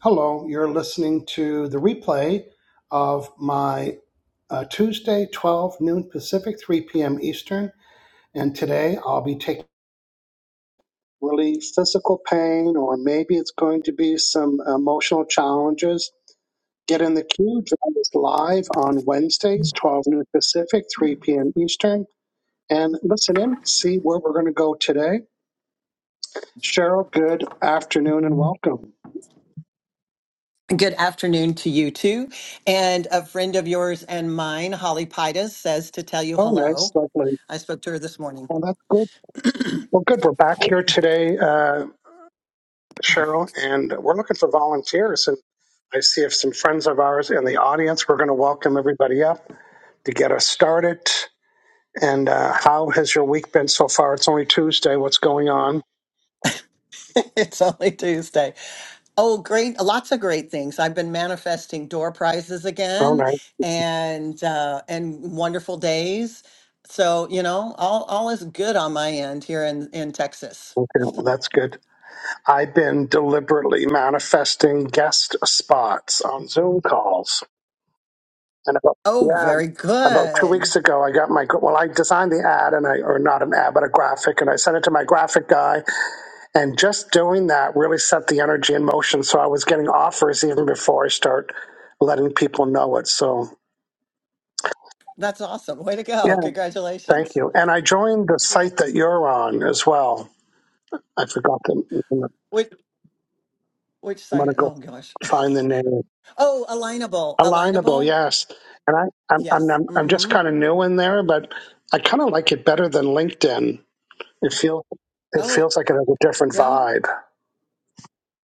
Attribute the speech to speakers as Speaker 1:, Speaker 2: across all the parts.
Speaker 1: Hello, you're listening to the replay of my uh, Tuesday, 12 noon Pacific, 3 p.m. Eastern. And today I'll be taking really physical pain, or maybe it's going to be some emotional challenges. Get in the queue. Join us live on Wednesdays, 12 noon Pacific, 3 p.m. Eastern. And listen in, see where we're going to go today. Cheryl, good afternoon and welcome.
Speaker 2: Good afternoon to you too. And a friend of yours and mine, Holly Pitas, says to tell you
Speaker 1: Oh, nice,
Speaker 2: hello.
Speaker 1: lovely.
Speaker 2: I spoke to her this morning.
Speaker 1: Well, that's good. Well, good. We're back here today. Uh, Cheryl, and we're looking for volunteers. And I see if some friends of ours in the audience, we're going to welcome everybody up to get us started. And uh, how has your week been so far? It's only Tuesday. What's going on?
Speaker 2: it's only Tuesday. Oh, great. Lots of great things. I've been manifesting door prizes
Speaker 1: Oh,
Speaker 2: again
Speaker 1: nice.
Speaker 2: and uh, and wonderful days. So, you know, all, all is good on my end here in, in Texas.
Speaker 1: Okay, well, that's good. I've been deliberately manifesting guest spots on Zoom calls. And about,
Speaker 2: Oh,
Speaker 1: yeah,
Speaker 2: very
Speaker 1: about two
Speaker 2: good.
Speaker 1: weeks ago, I got my, well, I designed the ad and I, or not an ad, but a graphic, and I sent it to my graphic guy. And just doing that really set the energy in motion. So I was getting offers even before I start letting people know it. So
Speaker 2: That's awesome. Way to
Speaker 1: yeah,
Speaker 2: go.
Speaker 1: thank
Speaker 2: Congratulations.
Speaker 1: you. And I joined the
Speaker 2: Yeah.
Speaker 1: site that you're on as well. I forgot the name.
Speaker 2: Which, which
Speaker 1: I'm going
Speaker 2: side?
Speaker 1: to go
Speaker 2: Oh, gosh.
Speaker 1: find the name.
Speaker 2: Oh, alignable,
Speaker 1: Alignable,
Speaker 2: alignable.
Speaker 1: yes. And I, I'm,
Speaker 2: Yes.
Speaker 1: I'm I'm just
Speaker 2: Mm-hmm.
Speaker 1: kind of new in there, but I kind of like it better than LinkedIn. It feels it
Speaker 2: Oh,
Speaker 1: feels like it has a different
Speaker 2: yeah.
Speaker 1: vibe.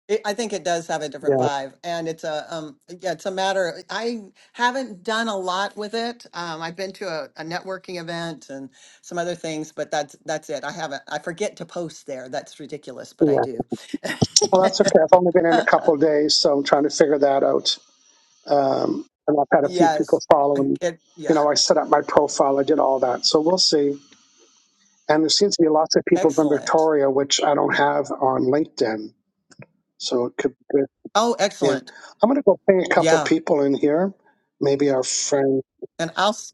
Speaker 2: It, I think it does have a
Speaker 1: Yeah,
Speaker 2: different vibe, and it's a um. Yeah, it's a matter. I haven't done a lot with it. Um, I've been to a, a networking event and some other things, but that's that's it. I haven't. I forget to post there. That's ridiculous, but I
Speaker 1: yeah.
Speaker 2: do.
Speaker 1: Well, that's okay. I've only been in a couple of days, so I'm trying to figure that out. Um, and I've had a few people
Speaker 2: Yes.
Speaker 1: follow
Speaker 2: I-
Speaker 1: me.
Speaker 2: It, yeah.
Speaker 1: You know, I set up my profile. I did all that, so we'll see. And there seems to be lots of people from
Speaker 2: Excellent.
Speaker 1: Victoria, which I don't have on LinkedIn, so it could. Be good.
Speaker 2: Oh,
Speaker 1: Yeah,
Speaker 2: excellent.
Speaker 1: I'm going to go ping a couple
Speaker 2: Yeah.
Speaker 1: people in here. Maybe our friend.
Speaker 2: And I'll s-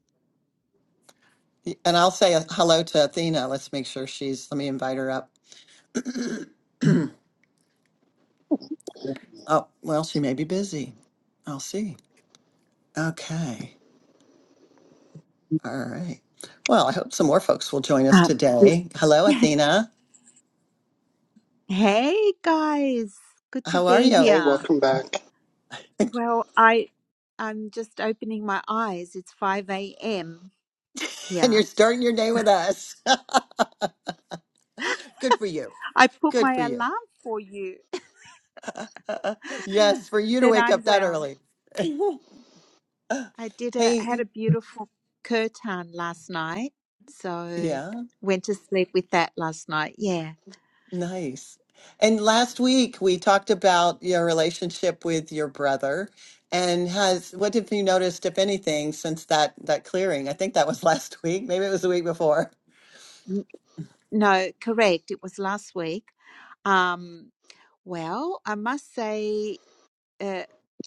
Speaker 2: and I'll say a hello to Athena. Let's make sure she's. Let me invite her up. Oh, well, she may be busy. I'll see. Okay. All right. Well, I hope some more folks will join us
Speaker 3: Uh, we-
Speaker 2: today. Hello, Athena.
Speaker 3: hey guys, good to
Speaker 2: How are
Speaker 3: be
Speaker 2: you?
Speaker 1: Hey,
Speaker 3: here.
Speaker 1: welcome back.
Speaker 3: Well, I I'm just opening my eyes. It's 5 a.m.
Speaker 2: And you're
Speaker 3: here.
Speaker 2: starting your day with us. Good for you.
Speaker 3: I put
Speaker 2: Good for
Speaker 3: my
Speaker 2: you.
Speaker 3: alarm for you,
Speaker 2: yes, for you to
Speaker 3: but
Speaker 2: wake
Speaker 3: I'm
Speaker 2: up that
Speaker 3: well.
Speaker 2: early.
Speaker 3: I did a had
Speaker 2: hey,
Speaker 3: a beautiful curtain last night, so
Speaker 2: yeah.
Speaker 3: went to sleep with that last night. Yeah.
Speaker 2: Nice. And last week we talked about your relationship with your brother and has what have you noticed, if anything, since that that clearing? I think that was last week. Maybe it was the week before.
Speaker 3: No, correct. It was last week. Um, well, I must say uh,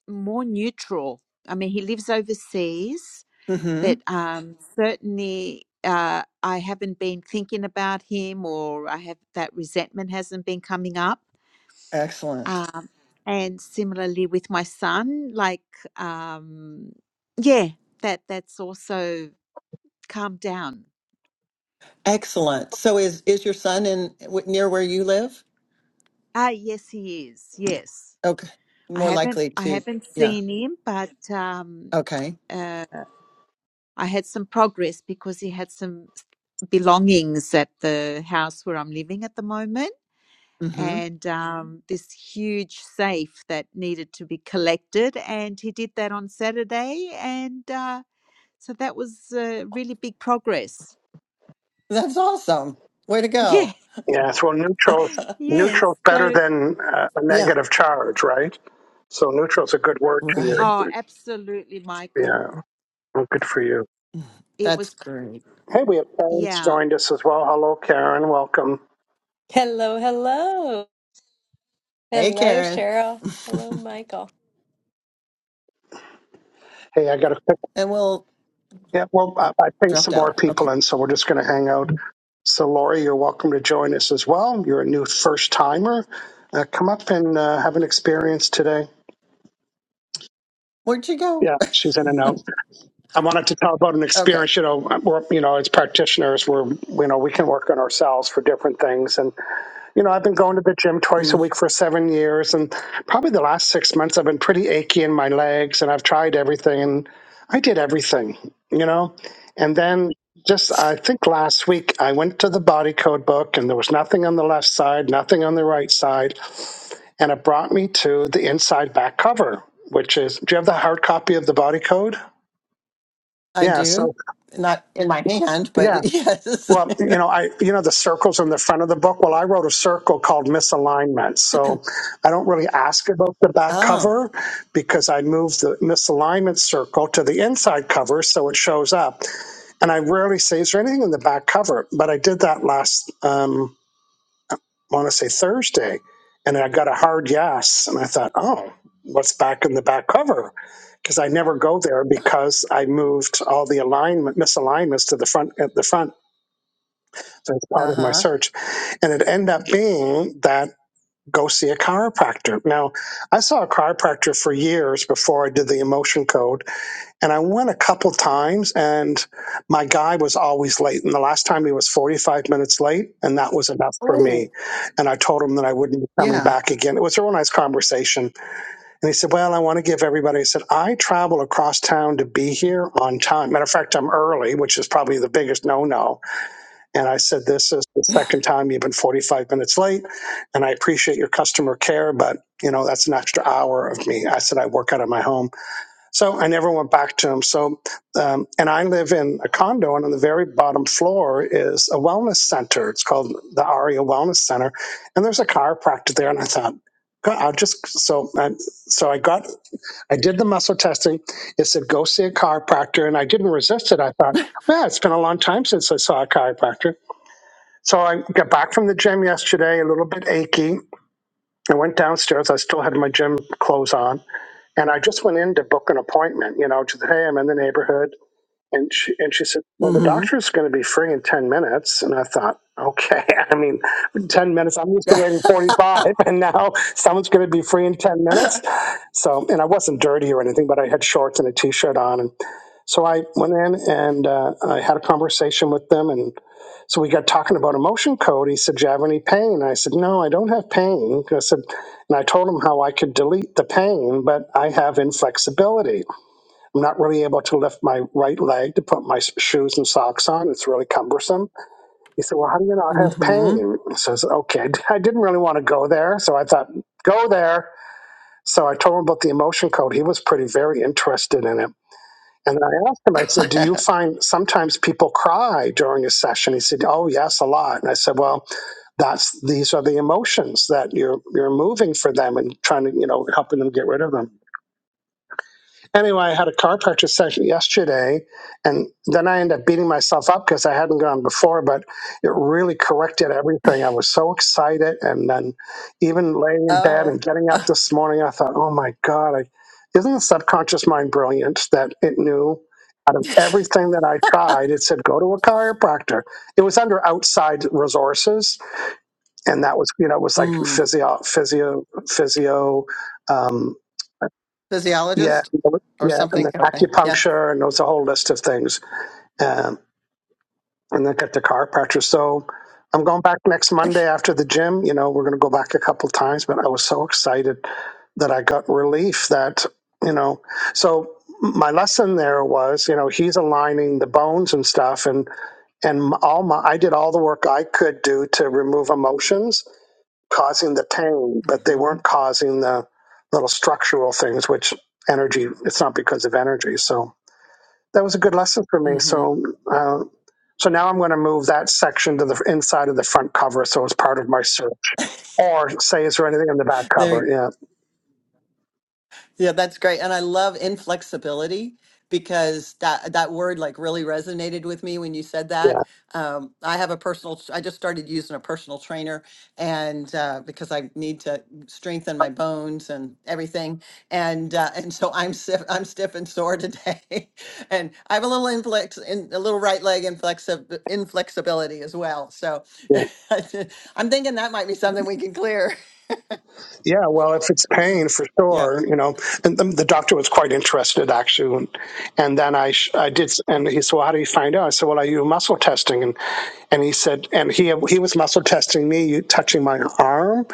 Speaker 3: more neutral. I mean, he lives overseas,
Speaker 2: Mm-hmm.
Speaker 3: but um, certainly uh, I haven't been thinking about him, or I have that resentment hasn't been coming up.
Speaker 2: Excellent.
Speaker 3: Um, and similarly with my son, like, um, yeah, that that's also calmed down.
Speaker 2: Excellent. So is is your son in w- near where you live?
Speaker 3: Ah, yes, he is. Yes,
Speaker 2: Okay.
Speaker 3: I
Speaker 2: More
Speaker 3: haven't
Speaker 2: likely
Speaker 3: I
Speaker 2: to,
Speaker 3: haven't
Speaker 2: yeah.
Speaker 3: seen him, but um,
Speaker 2: Okay.
Speaker 3: uh, I had some progress because he had some belongings at the house where I'm living at the moment.
Speaker 2: Mm-hmm.
Speaker 3: And Mhm. um, this huge safe that needed to be collected. And he did that on Saturday. And uh, so that was uh, really big progress.
Speaker 2: That's awesome. Way to
Speaker 3: Yeah,
Speaker 2: go.
Speaker 1: Yeah, so neutral
Speaker 3: yes.
Speaker 1: neutral's better
Speaker 3: So,
Speaker 1: than uh, a
Speaker 2: Yeah.
Speaker 1: negative charge, right? So neutral's a good word to you.
Speaker 2: Right.
Speaker 3: oh, absolutely, Michael.
Speaker 1: Yeah, well, good for you.
Speaker 3: It
Speaker 2: That's
Speaker 3: was,
Speaker 2: great.
Speaker 1: Hey, we have Karen's
Speaker 3: yeah.
Speaker 1: joined us as well. Hello, Karen. Welcome.
Speaker 4: Hello, hello.
Speaker 2: Hey,
Speaker 4: Hello,
Speaker 2: Karen.
Speaker 4: Cheryl. Hello, Michael.
Speaker 1: Hey, I got to pick.
Speaker 2: And we'll
Speaker 1: Yeah, well, I, I think
Speaker 2: dropped
Speaker 1: some
Speaker 2: out.
Speaker 1: more people
Speaker 2: Okay.
Speaker 1: in, so we're just going to hang out. So, Lori, you're welcome to join us as well. You're a new first timer. Uh, come up and uh, have an experience today.
Speaker 2: Where'd you go?
Speaker 1: Yeah, she's in and out. I wanted to talk about an
Speaker 2: Okay.
Speaker 1: experience, you know, where, you know, as practitioners, where, you know, we can work on ourselves for different things. And, you know, I've been going to the gym twice a
Speaker 2: Mm,
Speaker 1: week for seven years. And probably the last six months, I've been pretty achy in my legs and I've tried everything and I did everything, you know. And then just, I think last week, I went to the body code book and there was nothing on the left side, nothing on the right side. And it brought me to the inside back cover, which is, do you have the hard copy of the body code?
Speaker 2: I
Speaker 1: Yeah.
Speaker 2: do.
Speaker 1: So,
Speaker 2: Not in my hand,
Speaker 1: yeah.
Speaker 2: but yes.
Speaker 1: Well, you know, I you know the circles in the front of the book. Well, I wrote a circle called misalignment, so I don't really ask about the back
Speaker 2: Oh,
Speaker 1: cover because I moved the misalignment circle to the inside cover, so it shows up. And I rarely say is there anything in the back cover, but I did that last um, I want to say Thursday, and I got a hard yes, and I thought, oh, what's back in the back cover? Because I never go there because I moved all the alignment misalignments to the front at the front as part of my
Speaker 2: uh-huh.
Speaker 1: search. And it ended up being that go see a chiropractor. Now, I saw a chiropractor for years before I did the emotion code, and I went a couple times, and my guy was always late. And the last time he was 45 minutes late, and that was enough for me.
Speaker 2: Oh,
Speaker 1: And I told him that I wouldn't be coming
Speaker 2: yeah.
Speaker 1: back again. It was a real nice conversation. And he said, Well, I want to give everybody, I said, I travel across town to be here on time. Matter of fact, I'm early, which is probably the biggest no no and I said, This is the second time you've been 45 minutes late, and I appreciate your customer care, but you know, that's an extra hour of me. I said, I work out of my home. So I never went back to him. So, um, and I live in a condo, and on the very bottom floor is a wellness center. It's called the ARIA Wellness Center, and there's a chiropractor there. And I thought, God, I'll just, so I, so I got, I did the muscle testing. It said, go see a chiropractor. And I didn't resist it. I thought, well, it's been a long time since I saw a chiropractor. So I got back from the gym yesterday, a little bit achy. I went downstairs. I still had my gym clothes on, and I just went in to book an appointment. You know, to say, hey, I'm in the neighborhood, and she and she said, well, the
Speaker 2: Mm-hmm.
Speaker 1: doctor's going to be free in ten minutes, and I thought. Okay, I mean, 10 minutes. I'm used to waiting 45, and now someone's going to be free in 10 minutes. So, and I wasn't dirty or anything, but I had shorts and a t shirt on. And so I went in and uh, I had a conversation with them, and so we got talking about emotion code. He said, Do you have any pain? I said, No, I don't have pain. I said, and I told him how I could delete the pain, but I have inflexibility. I'm not really able to lift my right leg to put my s- shoes and socks on. It's really cumbersome. He said, Well, how do you not have
Speaker 2: mm-hmm.
Speaker 1: pain? So I says, Okay, I didn't really want to go there. So I thought, Go there. So I told him about the emotion code. He was pretty very interested in it. And I asked him, I said, Do you find sometimes people cry during a session? He said, Oh, yes, a lot. And I said, Well, that's these are the emotions that you're you're moving for them and trying to, you know, helping them get rid of them. Anyway, I had a car purchase session yesterday, and then I ended up beating myself up because I hadn't gone before, but it really corrected everything. I was so excited. And then even laying in bed
Speaker 2: Oh,
Speaker 1: and getting up this morning, I thought, oh my God, I, isn't the subconscious mind brilliant that it knew out of everything that I tried, it said, go to a chiropractor. It was under outside resources, and that was, you know, it was like
Speaker 2: mm.
Speaker 1: physio, physio, physio. um, yeah,
Speaker 2: Physiologist or
Speaker 1: yeah, and
Speaker 2: something.
Speaker 1: then
Speaker 2: Okay. Yeah.
Speaker 1: acupuncture, and there's a whole list of things. Um, and then get the chiropractor. So I'm going back next Monday after the gym. You know, we're going to go back a couple times, but I was so excited that I got relief that, you know, so my lesson there was, you know, he's aligning the bones and stuff and and all my I did all the work I could do to remove emotions causing the pain, but they
Speaker 2: Mm-hmm.
Speaker 1: weren't causing the little structural things, which energy, it's not because of energy. So that was a good lesson for me.
Speaker 2: Mm-hmm.
Speaker 1: So, uh, so now I'm going to move that section to the inside of the front cover. So it's part of my search. Or say, is there anything in the back
Speaker 2: There you
Speaker 1: cover? Yeah,
Speaker 2: Yeah, that's great. And I love inflexibility because that that word like really resonated with me when you said
Speaker 1: Yeah.
Speaker 2: that. Um, I have a personal, I just started using a personal trainer and uh, because I need to strengthen my bones and everything. And uh, and so I'm stiff, I'm stiff and sore today. and I have a little inflex in a little right leg inflexib inflexibility as well. So I'm thinking that might be something we can clear.
Speaker 1: Yeah, well, if it's pain, for
Speaker 2: Yep.
Speaker 1: sure, you know. And the, the doctor was quite interested, actually. And, and then I, sh- I did, s- and he said, "Well, how do you find out?" I said, "Well, I do muscle testing," and and he said, and he he was muscle testing me, you- touching my arm,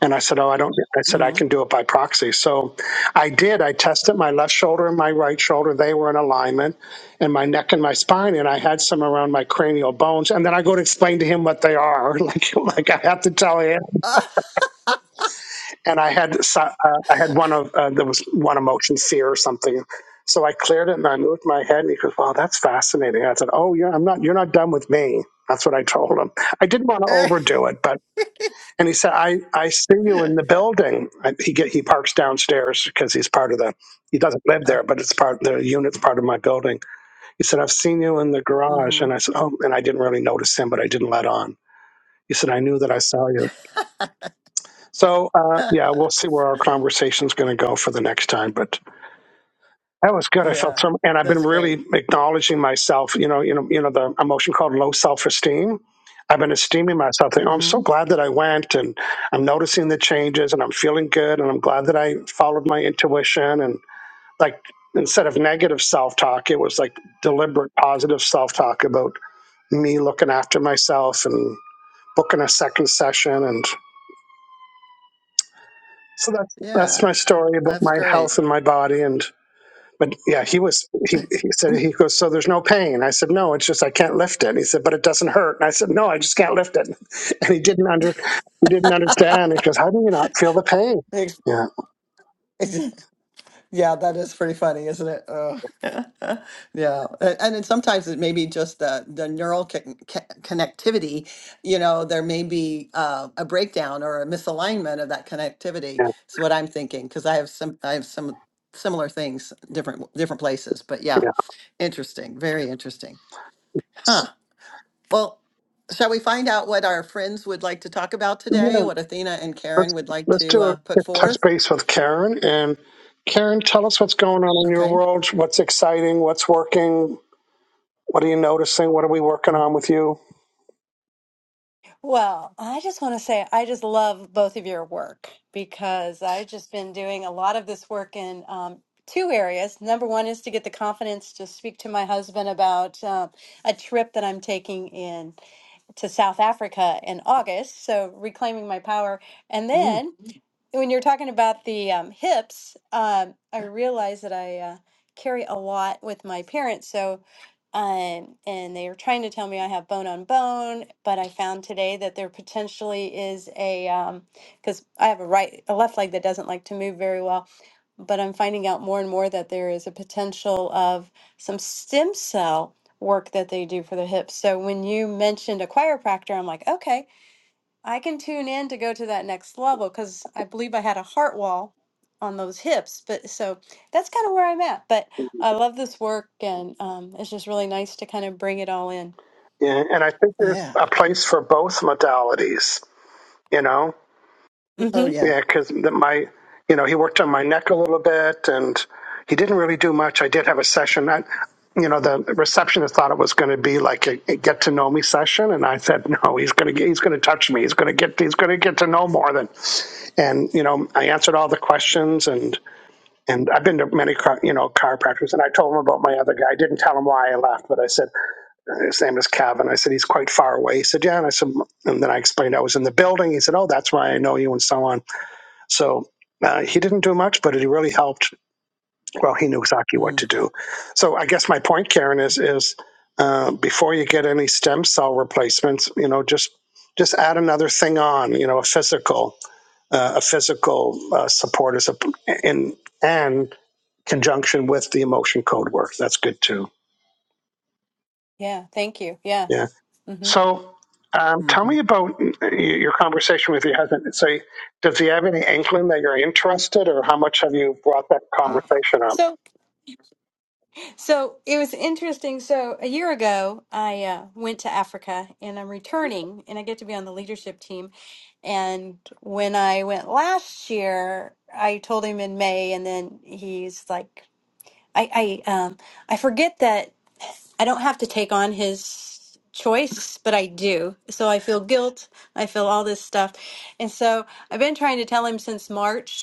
Speaker 1: and I said, "Oh, I don't." I said, "I
Speaker 2: hmm
Speaker 1: can do it by proxy." So I did. I tested my left shoulder and my right shoulder; they were in alignment, and my neck and my spine, and I had some around my cranial bones. And then I go to explain to him what they are, like like I have to tell him and I had so- uh, I had one of uh, there was one emotion sear or something. So I cleared it and I moved my head and he goes, "Wow, that's fascinating." I said, "Oh, yeah, I'm not. You're not done with me." That's what I told him. I didn't want to overdo it, but and he said, "I I see you in the building." I, he get he parks downstairs because he's part of the. He doesn't live
Speaker 2: Uh,
Speaker 1: there, but it's part the unit's part of my building. He said, "I've seen you in the garage,"
Speaker 2: hmm
Speaker 1: and I said, "Oh," and I didn't really notice him, but I didn't let on. He said, "I knew that I saw you." So uh, yeah, we'll see where our conversation's going to go for the next time. But that was good. I felt
Speaker 2: yeah,
Speaker 1: some, and I've been
Speaker 2: that's great.
Speaker 1: really acknowledging myself. You know, you know, you know, the emotion called low self-esteem. I've been esteeming myself. Thinking, oh, I'm
Speaker 2: hmm
Speaker 1: so glad that I went, and I'm noticing the changes, and I'm feeling good, and I'm glad that I followed my intuition, and like instead of negative self-talk, it was like deliberate positive self-talk about me looking after myself and booking a second session and So that's that's
Speaker 2: Yeah,
Speaker 1: my story about
Speaker 2: that's
Speaker 1: my
Speaker 2: great.
Speaker 1: health and my body and but yeah, he was he, he said he goes, So there's no pain. I said, No, it's just I can't lift it. He said, But it doesn't hurt. And I said, No, I just can't lift it. And he didn't under he didn't understand. He goes, How do you not feel the pain?
Speaker 2: Ex-
Speaker 1: Yeah,
Speaker 2: ex- yeah, that is pretty funny, isn't it? Oh. yeah, A- and then sometimes it may be just the the neural con- co- connectivity. You know, there may be uh, a breakdown or a misalignment of that connectivity.
Speaker 1: yeah,
Speaker 2: Is what I'm thinking because I have some I have some similar things different different places. But yeah,
Speaker 1: yeah.
Speaker 2: interesting, very interesting, Huh.
Speaker 1: So,
Speaker 2: Well, shall we find out what our friends would like to talk about today?
Speaker 1: Yeah,
Speaker 2: What Athena and Karen
Speaker 1: let's
Speaker 2: would like
Speaker 1: let's
Speaker 2: to
Speaker 1: do
Speaker 2: uh,
Speaker 1: a
Speaker 2: put
Speaker 1: quick touch
Speaker 2: forth?
Speaker 1: base with Karen and Karen, tell us what's going on in your
Speaker 2: Okay.
Speaker 1: world, what's exciting, what's working, what are you noticing, what are we working on with you?
Speaker 4: Well, I just want to say I just love both of your work because I've just been doing a lot of this work in um, two areas. Number one is to get the confidence to speak to my husband about uh, a trip that I'm taking in to South Africa in August, so reclaiming my power. And
Speaker 2: Mm,
Speaker 4: then when you're talking about the um, hips, um, I realize that I uh, carry a lot with my parents. So, um, and they were trying to tell me I have bone on bone, but I found today that there potentially is a because I have a right, a left leg that doesn't like to move very well. But I'm finding out more and more that there is a potential of some stem cell work that they do for the hips. So when you mentioned a chiropractor, I'm like, okay, I can tune in to go to that next level because I believe I had a heart wall on those hips. But so that's kind of where I'm at. But I love this work, and um, it's just really nice to kind of bring it all in.
Speaker 1: Yeah, and I think there's
Speaker 2: yeah.
Speaker 1: a place for both modalities, you know?
Speaker 2: Mm, Oh,
Speaker 4: hmm
Speaker 2: yeah.
Speaker 1: Yeah, because my, you know, he worked on my neck a little bit and he didn't really do much. I did have a session. I, you know, the receptionist thought it was going to be like a, a get to know me session. And I said, no, he's going to he's going to touch me. He's going to get, he's going to get to know more than, and, you know, I answered all the questions and, and I've been to many, chi- you know, chiropractors and I told him about my other guy. I didn't tell him why I left, but I said, his name is Kevin. I said, he's quite far away. He said, yeah. And I said, and then I explained I was in the building. He said, oh, that's why I know you and so on. So uh, he didn't do much, but he really helped. Well, he knew exactly what
Speaker 2: Mm,
Speaker 1: to do. So I guess my point, Karen, is is uh, before you get any stem cell replacements, you know, just just add another thing on. You know, a physical uh, a physical uh, support is a, in and conjunction with the emotion code work. That's good too.
Speaker 4: Yeah. Thank you. Yeah.
Speaker 1: Yeah.
Speaker 4: hmm
Speaker 1: So, um, tell
Speaker 2: hmm
Speaker 1: me about y- your conversation with your husband. So, does he have any inkling that you're interested, or how much have you brought that
Speaker 4: Uh,
Speaker 1: conversation up?
Speaker 4: So, so it was interesting. So a year ago, I uh, went to Africa, and I'm returning, and I get to be on the leadership team. And when I went last year, I told him in May, and then he's like. I I um I forget that I don't have to take on his choice, but I do. So I feel guilt. I feel all this stuff, and so I've been trying to tell him since March,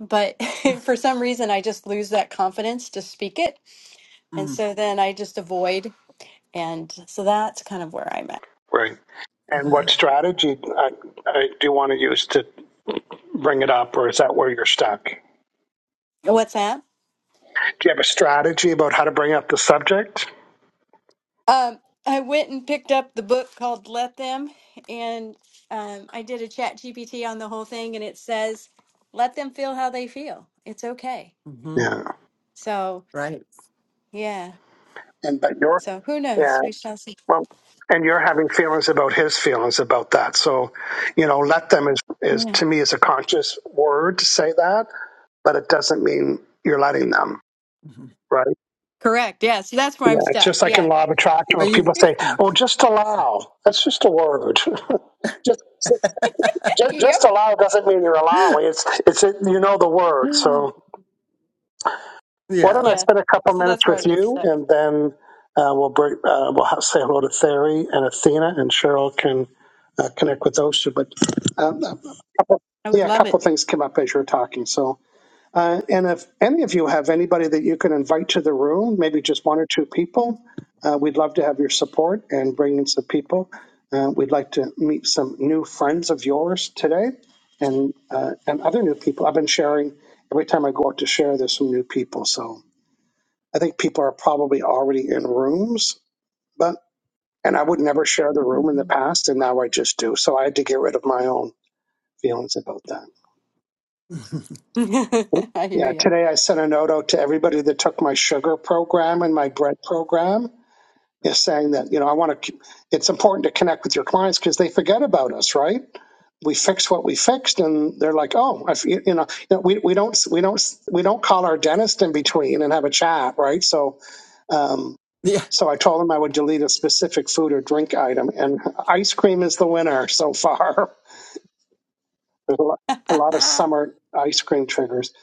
Speaker 4: but for some reason I just lose that confidence to speak it, and
Speaker 2: mm.
Speaker 4: so then I just avoid, and so that's kind of where I'm at.
Speaker 1: Right. And what
Speaker 2: Ah,
Speaker 1: strategy uh, uh, do you want to use to bring it up, or is that where you're stuck?
Speaker 4: What's that?
Speaker 1: Do you have a strategy about how to bring up the subject?
Speaker 4: Um, I went and picked up the book called Let Them, and um, I did a chat GPT on the whole thing, and it says let them feel how they feel. It's okay.
Speaker 2: hmm
Speaker 1: Yeah.
Speaker 4: So
Speaker 2: Right.
Speaker 4: yeah.
Speaker 1: And but your
Speaker 4: So who
Speaker 1: yeah.
Speaker 4: knows? We shall see.
Speaker 1: Well, and you're having feelings about his feelings about that. So, you know, let them is, is
Speaker 4: Yeah.
Speaker 1: to me is a conscious word to say that, but it doesn't mean you're letting them,
Speaker 2: hmm
Speaker 1: right?
Speaker 4: Correct. Yeah. So that's where
Speaker 1: Yeah,
Speaker 4: I'm
Speaker 1: it's
Speaker 4: stuck.
Speaker 1: just like in
Speaker 4: Yeah.
Speaker 1: law of attraction
Speaker 2: Are
Speaker 1: when
Speaker 2: you?
Speaker 1: people say,
Speaker 2: Mhm.
Speaker 1: "Oh, just allow." That's just a word. just, just just
Speaker 4: Yep.
Speaker 1: allow doesn't mean you're allowing. It's it's you know the word. So why don't
Speaker 2: yeah.
Speaker 1: I
Speaker 4: Yeah.
Speaker 1: spend a couple
Speaker 4: So
Speaker 1: minutes
Speaker 4: that's where I
Speaker 1: with
Speaker 4: get
Speaker 1: you,
Speaker 4: stuck.
Speaker 1: and then uh, we'll break, uh, we'll have, say hello to Theri and Athena, and Cheryl can uh, connect with those two. But um,
Speaker 4: I would
Speaker 1: yeah, a
Speaker 4: love
Speaker 1: couple
Speaker 4: it.
Speaker 1: of things came up as you were talking. So, uh, and if any of you have anybody that you can invite to the room, maybe just one or two people, uh, we'd love to have your support and bring in some people. Uh, we'd like to meet some new friends of yours today, and uh, and other new people. I've been sharing every time I go out to share. There's some new people, so I think people are probably already in rooms, but. And I would never share the room in the
Speaker 2: hmm
Speaker 1: past, and now I just do. So I had to get rid of my own. feelings about that.
Speaker 4: I hear
Speaker 1: Yeah,
Speaker 4: you.
Speaker 1: today I sent a note out to everybody that took my sugar program and my bread program, is saying that you know I want to. It's important to connect with your clients because they forget about us, right? We fix what we fixed, and they're like, oh, I f you know, you know, we we don't we don't we don't call our dentist in between and have a chat, right? So. Um,
Speaker 2: yeah.
Speaker 1: so I told them I would delete a specific food or drink item, and ice cream is the winner so far. There's a lot, a lot of summer ice cream triggers.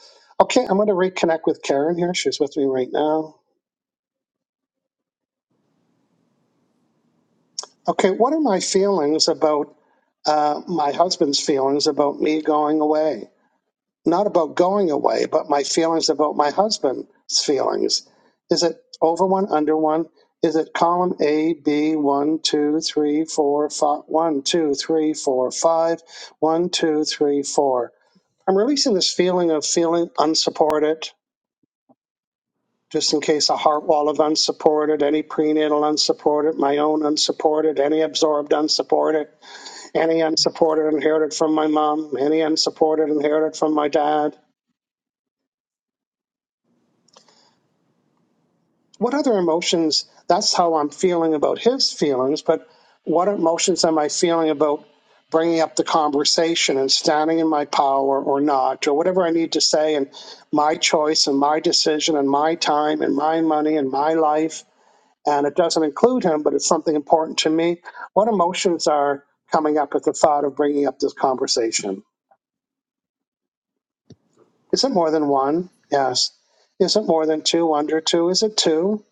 Speaker 1: Okay, I'm going to reconnect with Karen here. She's with me right now. Okay, what are my feelings about uh, my husband's feelings about me going away? Not about going away, but my feelings about my husband's feelings. Is it over one, under one? Is it column A, B, one, two, three, four, five, one, two, three, four, five, one, two, three, four? I'm releasing this feeling of feeling unsupported, just in case a heart wall of unsupported, any prenatal unsupported, my own unsupported, any absorbed unsupported, any unsupported inherited from my mom, any unsupported inherited from my dad. What other emotions? That's how I'm feeling about his feelings, but what emotions am I feeling about bringing up the conversation and standing in my power or not, or whatever I need to say, and my choice and my decision and my time and my money and my life? and it doesn't include him, but it's something important to me. What emotions are coming up at the thought of bringing up this conversation? Is it more than one? Yes. Is it more than two, under two? Is it two?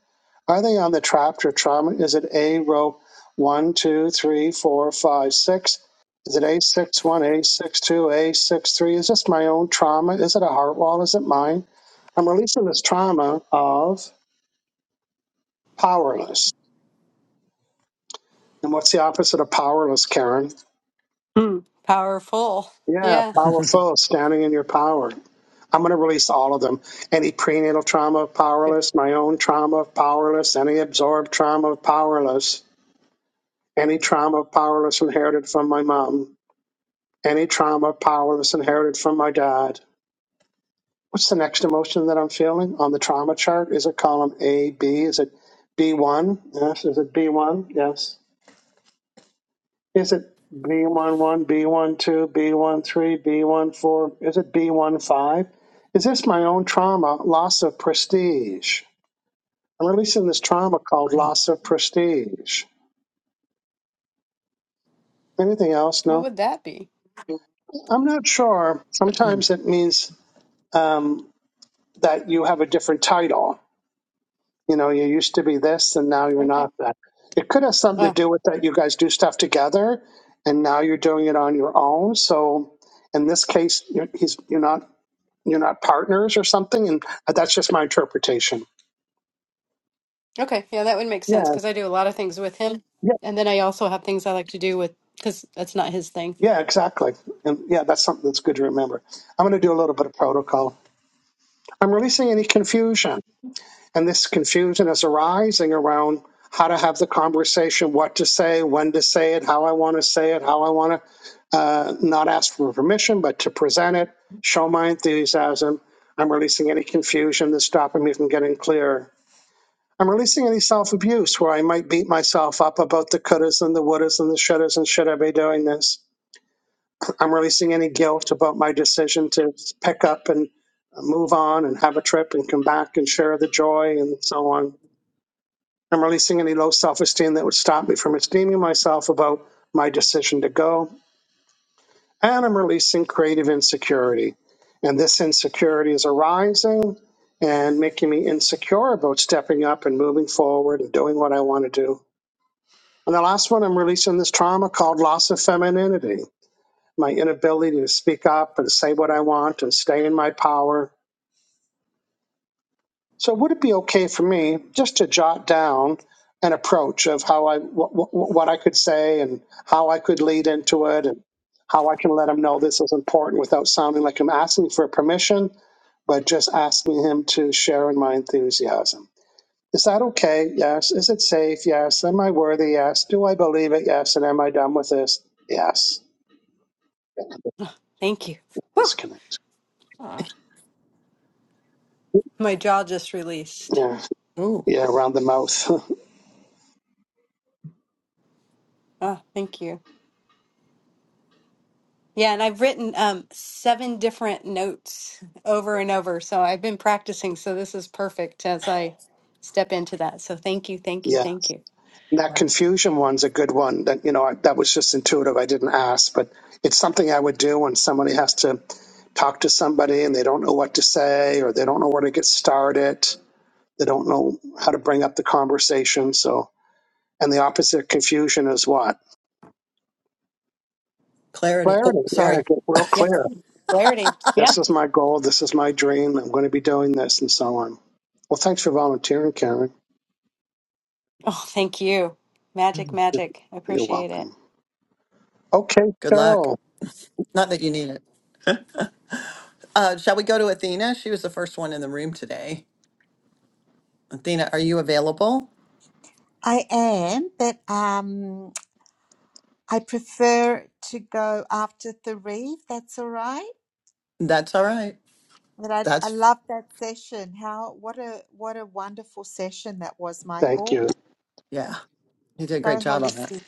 Speaker 1: Are they on the trapped or trauma? Is it A row one, two, three, four, five, six? Is it a six one, a six two, a six three? Is this my own trauma? Is it a heart wall? Is it mine? I'm releasing this trauma of powerless. And what's the opposite of powerless, Karen?
Speaker 4: Powerful.
Speaker 1: Yeah,
Speaker 4: Yeah.
Speaker 1: powerful, standing in your power. I'm going to release all of them. Any prenatal trauma,
Speaker 4: Yeah.
Speaker 1: powerless. My own trauma, powerless. Any absorbed trauma, powerless. Any trauma, powerless, inherited from my mom. Any trauma, powerless, inherited from my dad. What's the next emotion that I'm feeling on the trauma chart? Is it column A, B? Is it B1? Yes. Is it B1? Yes. Is it b one one, b one two, b one three, b one four? Is it b one five? Is this my own trauma, loss of prestige? I'm releasing this trauma called loss of prestige. Anything else?
Speaker 4: What
Speaker 1: No?
Speaker 4: would that be?
Speaker 1: I'm not sure.
Speaker 2: Mm.
Speaker 1: Sometimes it means um, that you have a different title. You know, you used to be this and now you're
Speaker 4: Okay.
Speaker 1: not that. It could have something to
Speaker 4: Oh,
Speaker 1: do with that you guys do stuff together and now you're doing it on your own. So in this case, you're, he's, you're not You're not partners or something, and that's just my interpretation.
Speaker 4: okay. Yeah, that would make sense
Speaker 1: Yeah,
Speaker 4: because I do a lot of things with him.
Speaker 1: yeah,
Speaker 4: And then I also have things I like to do with because that's not his thing.
Speaker 1: yeah, exactly. And yeah, that's something that's good to remember. I'm going to do a little bit of protocol. I'm releasing any confusion, and this confusion is arising around how to have the conversation, what to say, when to say it, how I want to say it, how I want to uh, not ask for permission, but to present it, show my enthusiasm. I'm releasing any confusion that's stopping me from getting clear. I'm releasing any self abuse where I might beat myself up about the couldas and the wouldas and the shouldas and should I be doing this. I'm releasing any guilt about my decision to pick up and move on and have a trip and come back and share the joy and so on. I'm releasing any low self esteem that would stop me from esteeming myself about my decision to go. And I'm releasing creative insecurity. And this insecurity is arising and making me insecure about stepping up and moving forward and doing what I want to do. And the last one, I'm releasing this trauma called loss of femininity, my inability to speak up and say what I want and stay in my power. So, would it be okay for me just to jot down an approach of how I, what, what I could say and how I could lead into it and how I can let him know this is important without sounding like I'm asking for permission, but just asking him to share in my enthusiasm? Is that okay? Yes. Is it safe? Yes. Am I worthy? Yes. Do I believe it? Yes. And am I done with this? Yes.
Speaker 4: Thank you. Whew.
Speaker 1: Disconnect.
Speaker 4: My jaw just released.
Speaker 1: Yeah.
Speaker 2: Oh,
Speaker 1: Yeah. Around the mouth.
Speaker 4: Ah, thank you. Yeah, and I've written um, seven different notes over and over. So I've been practicing. So this is perfect as I step into that. So thank you, thank you,
Speaker 1: yeah.
Speaker 4: thank you.
Speaker 1: And that
Speaker 2: wow.
Speaker 1: confusion one's a good one. That you know I, that was just intuitive. I didn't ask, but it's something I would do when somebody has to talk to somebody and they don't know what to say or they don't know where to get started. They don't know how to bring up the conversation. So, and the opposite of confusion is what
Speaker 2: Clarity.
Speaker 1: clarity.
Speaker 2: Oh,
Speaker 1: Yeah.
Speaker 2: sorry.
Speaker 1: Get real
Speaker 4: Yeah,
Speaker 1: clear.
Speaker 4: clarity. Yeah.
Speaker 1: this is my goal, this is my dream, I'm going to be doing this, and so on. Well, thanks for volunteering, Karen.
Speaker 4: Oh, thank you. Magic,
Speaker 1: You're
Speaker 4: magic. I appreciate it.
Speaker 1: welcome. Okay,
Speaker 2: Good luck.
Speaker 1: Carol,
Speaker 2: Not that you need it. Uh, shall we go to Athena? She was the first one in the room today. Athena, are you available?
Speaker 3: I am, but um, I prefer to go after the reeve. That's all right.
Speaker 2: That's all right.
Speaker 3: But I, I
Speaker 2: That's,
Speaker 3: love that session. How what a what a wonderful session that was,
Speaker 1: thank
Speaker 3: Michael.
Speaker 1: you.
Speaker 2: yeah, you did a
Speaker 3: So
Speaker 2: great job on that.
Speaker 3: holistic.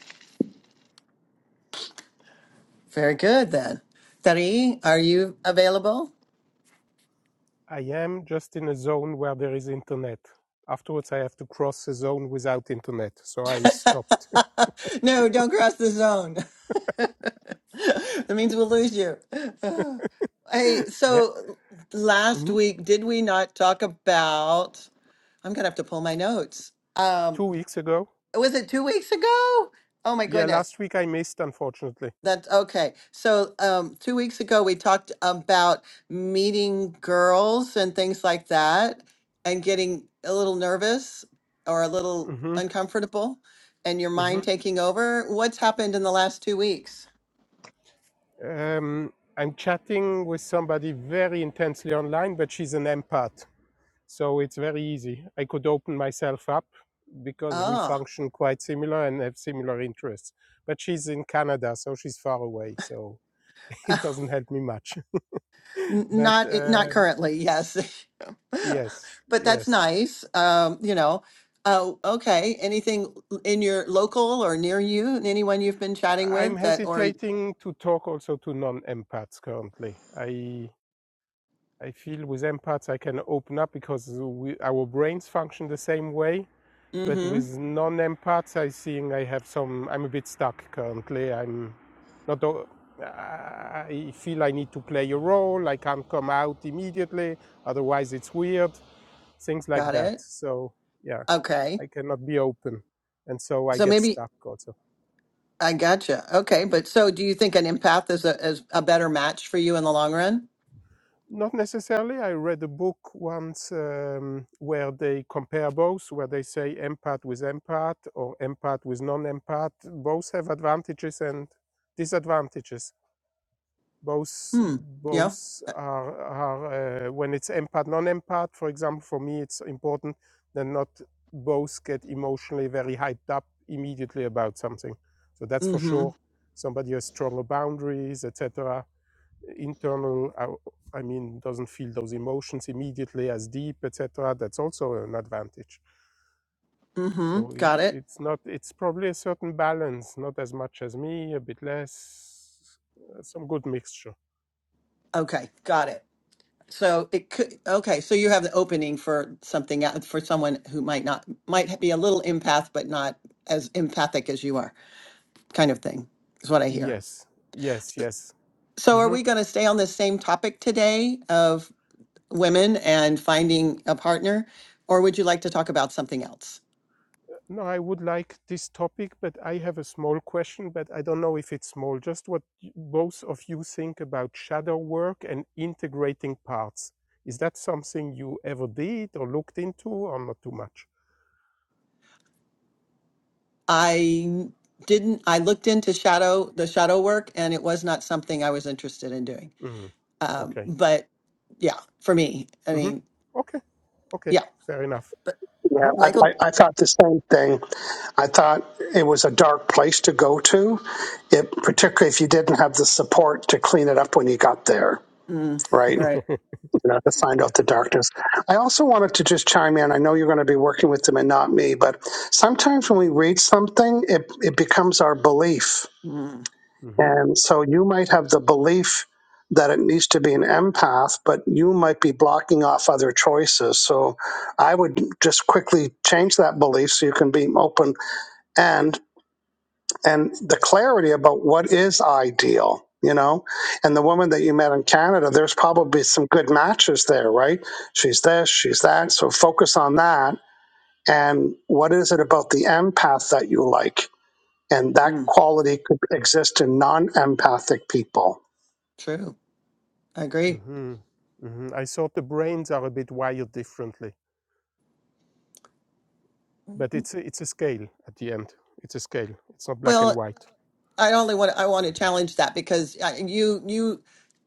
Speaker 2: Very good then. Tari, are you available?
Speaker 5: I am just in a zone where there is internet. Afterwards, I have to cross a zone without internet, so I stopped.
Speaker 2: no, don't cross the zone. that means we'll lose you. Hey,
Speaker 5: yeah.
Speaker 2: so last
Speaker 5: hmm
Speaker 2: week, did we not talk about? I'm gonna have to pull my notes.
Speaker 5: Two
Speaker 2: Um,
Speaker 5: weeks ago.
Speaker 2: was it two weeks ago? Oh my
Speaker 5: Yeah,
Speaker 2: goodness.
Speaker 5: last week I missed, unfortunately.
Speaker 2: That's okay. So, um, two weeks ago, we talked about meeting girls and things like that and getting a little nervous or a little
Speaker 5: hmm
Speaker 2: uncomfortable and your
Speaker 5: hmm
Speaker 2: mind taking over. What's happened in the last two weeks?
Speaker 5: Um, I'm chatting with somebody very intensely online, but she's an empath, so it's very easy. I could open myself up because we
Speaker 2: Ah,
Speaker 5: function quite similar and have similar interests. But she's in Canada, so she's far away, so it doesn't help me much.
Speaker 2: n-
Speaker 5: But
Speaker 2: not, it-
Speaker 5: uh,
Speaker 2: not currently. Yes.
Speaker 5: Yes,
Speaker 2: but that's
Speaker 5: yes.
Speaker 2: nice. Um, you know, uh, okay. Anything in your local or near you, anyone you've been chatting
Speaker 5: I- am
Speaker 2: with that, or,
Speaker 5: hesitating to talk also to non-empaths currently. I I feel with empaths I can open up because we, our brains function the same way, but
Speaker 2: mm-hmm,
Speaker 5: with non-empaths I seeing I have some I'm a bit stuck currently. I'm not o- I feel I need to play a role. I can't come out immediately, otherwise it's weird. Things like
Speaker 2: got
Speaker 5: that.
Speaker 2: it.
Speaker 5: So, yeah,
Speaker 2: Okay.
Speaker 5: I cannot be open and so I
Speaker 2: So
Speaker 5: get
Speaker 2: maybe
Speaker 5: stuck also.
Speaker 2: I gotcha. Okay, but so do you think an empath is a is a better match for you in the long run?
Speaker 5: Not necessarily. I read a book once um, where they compare both, where they say empath with empath or empath with non empath. Both have advantages and disadvantages. Both,
Speaker 2: Hmm. Yeah.
Speaker 5: both
Speaker 2: Uh,
Speaker 5: are, are uh, when it's empath, non empath, for example, for me, it's important that not both get emotionally very hyped up immediately about something. So that's for
Speaker 2: Mm-hmm.
Speaker 5: sure. Somebody has stronger boundaries, etc internal uh, i mean doesn't feel those emotions immediately as deep etc that's also an advantage
Speaker 2: Mm-hmm.
Speaker 5: so i
Speaker 2: Got it.
Speaker 5: it's not it's probably a certain balance not as much as me a bit less uh, some good mixture
Speaker 2: Okay. Got it. So it could. Okay. So you have the opening for something out for someone who might not might be a little empath, but not as empathic as you are, kind of thing, is what I hear.
Speaker 5: yes yes yes
Speaker 2: So are
Speaker 5: hmm
Speaker 2: we going to stay on this same topic today? Of women and finding a partner, or would you like to talk about something else?
Speaker 5: no i would like this topic but i have a small question but i don't know if it's small just what y- both of you think about shadow work and integrating parts is that something you ever did or looked into or not too much
Speaker 2: I didn't, I looked into shadow, the shadow work, and it was not something I was interested in doing.
Speaker 5: Mm.
Speaker 2: Um,
Speaker 5: Okay.
Speaker 2: but yeah, for me, I
Speaker 5: hmm
Speaker 2: mean,
Speaker 5: Okay. Okay.
Speaker 2: yeah,
Speaker 5: Fair enough.
Speaker 2: but
Speaker 1: Yeah,
Speaker 5: Uh-huh.
Speaker 1: I,
Speaker 2: Michael,
Speaker 1: I, I thought the same thing. I thought it was a dark place to go to, it, particularly if you didn't have the support to clean it up when you got there.
Speaker 2: mm,
Speaker 1: Right, you
Speaker 2: right.
Speaker 1: know, to find out the
Speaker 5: yes.
Speaker 1: darkness. I also wanted to just chime in. I know you're going to be working with them and not me, but sometimes when we read something, it, it becomes our belief
Speaker 2: Mm,
Speaker 5: hmm
Speaker 1: And so you might have the belief that it needs to be an empath, but you might be blocking off other choices. So I would just quickly change that belief so you can be open and and the clarity about what is ideal, you know? And the woman that you met in Canada, there's probably some good matches there, right? She's this, she's that. So focus on that. And what is it about the empath that you like? And that
Speaker 2: mm,
Speaker 1: quality could exist in non empathic people
Speaker 2: true. I agree.
Speaker 5: hmm hmm I thought the brains are a bit wired differently, but it's a, it's a scale at the end. It's a scale. It's not black and
Speaker 2: Well,
Speaker 5: white.
Speaker 2: I only want, I want to challenge that because uh, you, you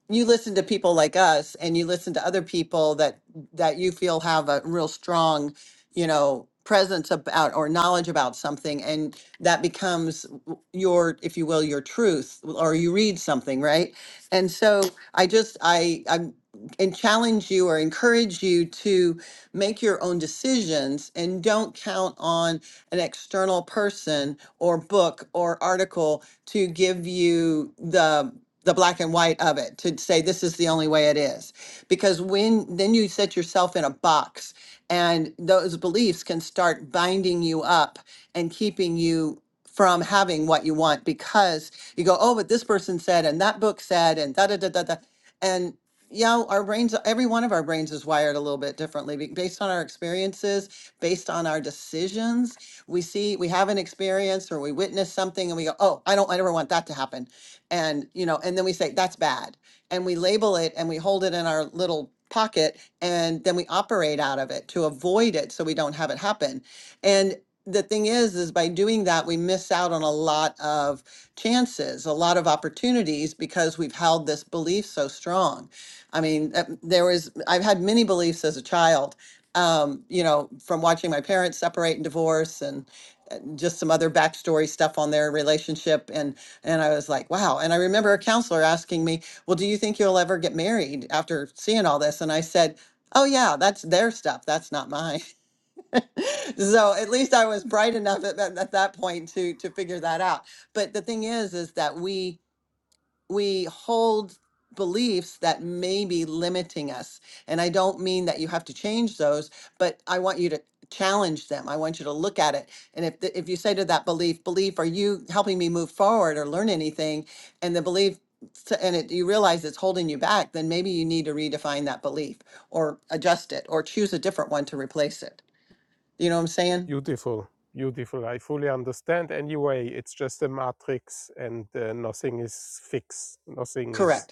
Speaker 2: you listen to people like us and you listen to other people that that you feel have a real strong you know presence about or knowledge about something and that becomes w- your if you will your truth or you read something right and so i just i i'm and challenge you or encourage you to make your own decisions and don't count on an external person or book or article to give you the the black and white of it to say this is the only way it is because when then you set yourself in a box and those beliefs can start binding you up and keeping you from having what you want because you go oh but this person said and that book said and da da da da da and yeah our brains every one of our brains is wired a little bit differently be- based on our experiences based on our decisions we see we have an experience or we witness something and we go oh i don't i never want that to happen and you know and then we say that's bad and we label it and we hold it in our little pocket and then we operate out of it to avoid it so we don't have it happen and the thing is is by doing that we miss out on a lot of chances a lot of opportunities because we've held this belief so strong i mean uh, there was i've had many beliefs as a child um, you know, from watching my parents separate and divorce and uh, just some other backstory stuff on their relationship. And, and I was like, wow. And I remember a counselor asking me, well, do you think you'll ever get married after seeing all this? And I said, oh yeah, that's their stuff. That's not mine. so at least I was bright enough at, that- at that point to, to figure that out. But the thing is, is that we, we hold beliefs that may be limiting us. And I don't mean that you have to change those, but I want you to challenge them. I want you to look at it. And if the, if you say to that belief, belief, are you helping me move forward or learn anything? And the belief s- and it, you realize it's holding you back, then maybe you need to redefine that belief or adjust it or choose a different one to replace it. You know what I'm saying?
Speaker 5: Beautiful, beautiful. I fully understand. Anyway, it's just a matrix and uh, nothing is fixed. Nothing is.
Speaker 2: Correct.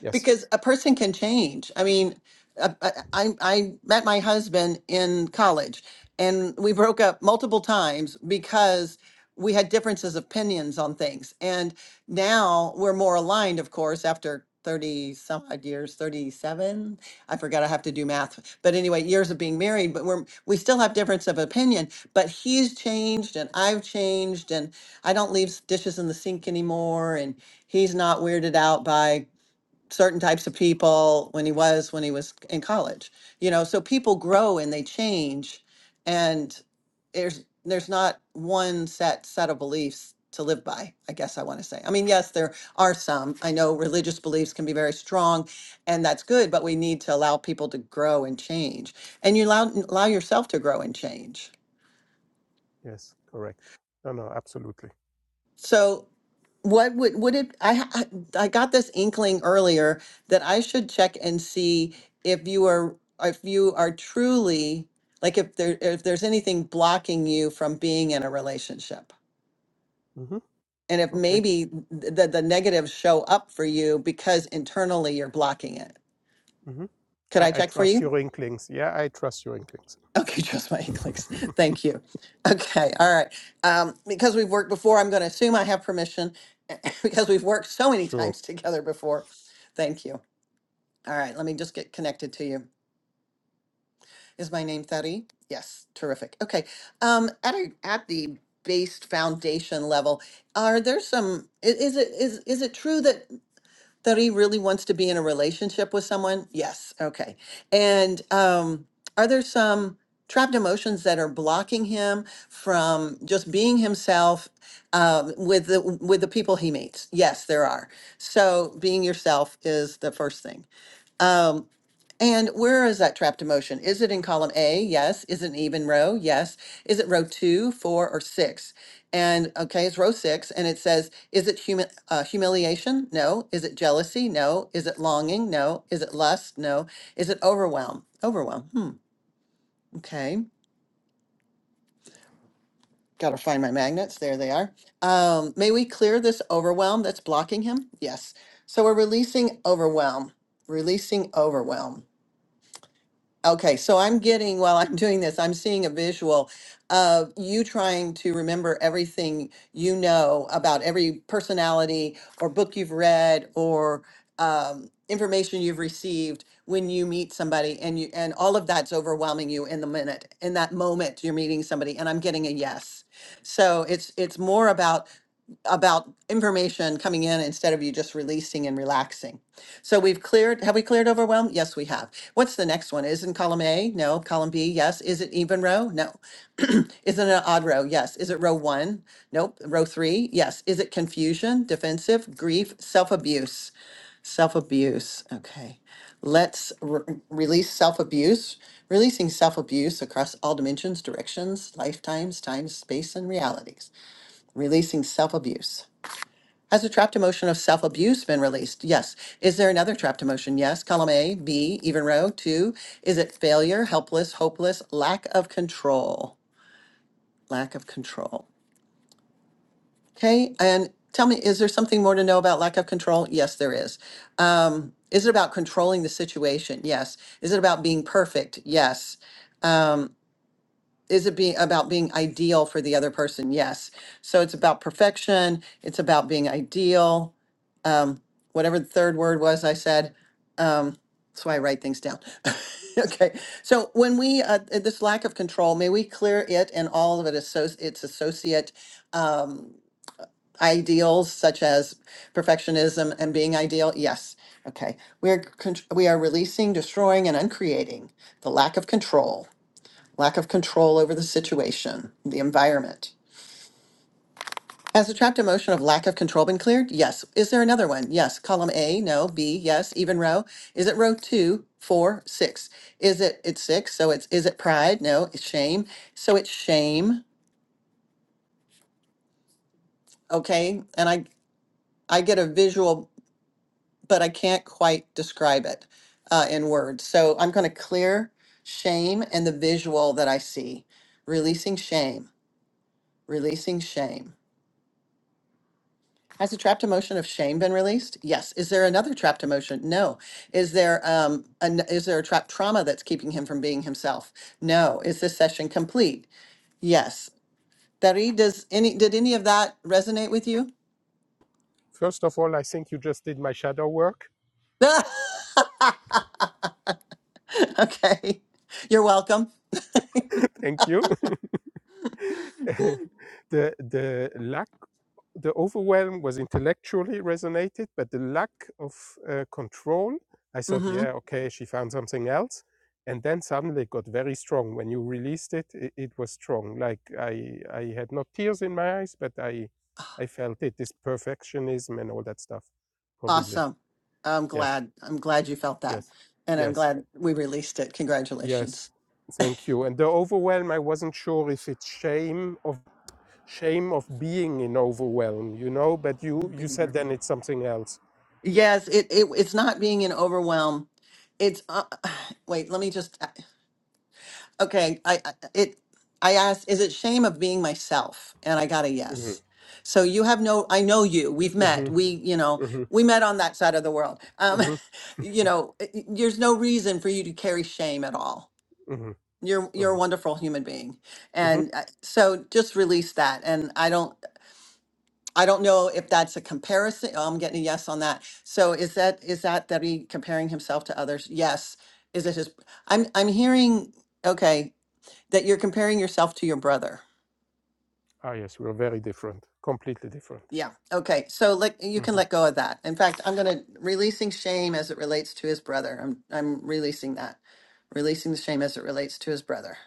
Speaker 5: Yes,
Speaker 2: because a person can change. I mean, I, I, I met my husband in college and we broke up multiple times because we had differences of opinions on things. And now we're more aligned, of course, after 30 some odd years, 37. I forgot I have to do math. But anyway, years of being married, but we're we still have difference of opinion, but he's changed and I've changed and I don't leave s- dishes in the sink anymore and he's not weirded out by certain types of people when he was when he was in college you know so people grow and they change and there's there's not one set set of beliefs to live by i guess i want to say i mean yes there are some i know religious beliefs can be very strong and that's good but we need to allow people to grow and change and you allow allow yourself to grow and change
Speaker 5: yes, correct. No, no, absolutely.
Speaker 2: so What would would it? I I I got this inkling earlier that I should check and see if you are if you are truly like if there if there's anything blocking you from being in a relationship,
Speaker 5: hmm
Speaker 2: and if
Speaker 5: Okay.
Speaker 2: maybe th- the the negatives show up for you because internally you're blocking it.
Speaker 5: hmm
Speaker 2: Could
Speaker 5: I,
Speaker 2: I
Speaker 5: I
Speaker 2: check for
Speaker 5: trust
Speaker 2: you?
Speaker 5: your inklings. Yeah, I trust your inklings.
Speaker 2: Okay, just my inklings. Thank you. Okay, all right. Um, because we've worked before, I'm going to assume I have permission because we've worked so many
Speaker 5: Sure.
Speaker 2: times together before. Thank you. All right, let me just get connected to you. Is my name Thady? Yes, terrific. Okay. Um, at a, at the base foundation level, are there some? i- Is it is is it true that Thady really wants to be in a relationship with someone? Yes. Okay. And um, are there some trapped emotions that are blocking him from just being himself um, with the with the people he meets? Yes, there are. So being yourself is the first thing. Um, and where is that trapped emotion? Is it in column A? Yes. Is it an even row? Yes. Is it row two, four, or six? And okay, it's row six, and it says, is it humi- uh, humiliation? No. Is it jealousy? No. Is it longing? No. Is it lust? No. Is it overwhelm? Overwhelm. Hmm. Okay. Got to find my magnets. There they are. Um, may we clear this overwhelm that's blocking him? Yes. So we're releasing overwhelm, releasing overwhelm. Okay, so I'm getting, while I'm doing this, I'm seeing a visual of you trying to remember everything you know about every personality or book you've read or um, information you've received when you meet somebody and you and all of that's overwhelming you in the minute in that moment you're meeting somebody and I'm getting a yes. So it's it's more about about information coming in instead of you just releasing and relaxing. So we've cleared, have we cleared overwhelm? Yes, we have. What's the next one? Is in column A? No. Column B? Yes. Is it even row? No. Is it an odd row? Yes. Is it row one? Nope. Row three? Yes. Is it confusion, defensive, grief, self abuse? Self abuse. Okay. Let's re- release self abuse, releasing self abuse across all dimensions, directions, lifetimes, time, space, and realities. Releasing self abuse. Has a trapped emotion of self-abuse been released? Yes. Is there another trapped emotion? Yes. Column A, B, even row. Two, is it failure, helpless, hopeless, lack of control? Lack of control. Okay. And tell me, is there something more to know about lack of control? Yes, there is. Um, is it about controlling the situation? Yes. Is it about being perfect? Yes. Um, is it being about being ideal for the other person? Yes. So it's about perfection. It's about being ideal. Um, whatever the third word was, I said. Um, that's why I write things down. okay. So when we uh, uh, this lack of control, may we clear it and all of it associ- its associate um, ideals, such as perfectionism and being ideal. Yes. Okay. We are con- we are releasing, destroying, and uncreating the lack of control lack of control over the situation, the environment. Has the trapped emotion of lack of control been cleared? Yes. Is there another one? Yes. Column A, no. B, yes. Even row. Is it row two, four, six? Is it it's six? So it's is it pride? No. It's shame. So it's shame. Okay. And I I get a visual, but I can't quite describe it uh, in words. So I'm going to clear shame and the visual that I see. Releasing shame. Releasing shame Has a trapped emotion of shame been released? Yes. Is there another trapped emotion? No. Is there um an, is there a trapped trauma that's keeping him from being himself? No. Is this session complete? Yes. Dari, does any did any of that resonate with you?
Speaker 5: First of all, I think you just did my shadow work.
Speaker 2: okay. You're welcome.
Speaker 5: Thank you. the the lack. the overwhelm was intellectually resonated, but the lack of uh, control, I thought,
Speaker 2: Mm-hmm.
Speaker 5: yeah, okay, she found something else. And then suddenly it got very strong. When you released it, it, it was strong. Like I, I had not tears in my eyes, but I, I felt it. This perfectionism and all that stuff, probably.
Speaker 2: Awesome. I'm
Speaker 5: Yes,
Speaker 2: glad. I'm glad you felt that.
Speaker 5: yes,
Speaker 2: And I'm
Speaker 5: yes,
Speaker 2: glad we released it.
Speaker 5: yes.
Speaker 2: Congratulations.
Speaker 5: Thank you. And the overwhelm, I wasn't sure if it's shame of shame of being in overwhelm, you know. But you, you said
Speaker 2: Bigger.
Speaker 5: then it's something else.
Speaker 2: Yes, it, it it's not being an overwhelm. It's uh, wait, let me just uh, okay, I I- it I asked is it shame of being myself? And I got a
Speaker 5: Mhm,
Speaker 2: yes. So you have no I know you. We've met.
Speaker 5: mhm,
Speaker 2: We, you know,
Speaker 5: mhm,
Speaker 2: we met on that side of the world. Um
Speaker 5: mhm,
Speaker 2: you know, it- it- there's no reason for you to carry shame at all.
Speaker 5: mhm,
Speaker 2: You're you're a
Speaker 5: mhm,
Speaker 2: wonderful human being.
Speaker 5: mhm.
Speaker 2: And uh, so just release that and I don't I don't know if that's a comparison. Oh, I'm getting a yes on that. So is that is that that he comparing himself to others? Yes. Is it his? I'm I'm hearing okay that you're comparing yourself to your brother.
Speaker 5: Ah, yes, we are very different, completely different.
Speaker 2: Yeah. Okay. So let you can
Speaker 5: Mhm.
Speaker 2: let go of that. In fact, I'm gonna releasing shame as it relates to his brother. I'm I'm releasing that, releasing the shame as it relates to his brother.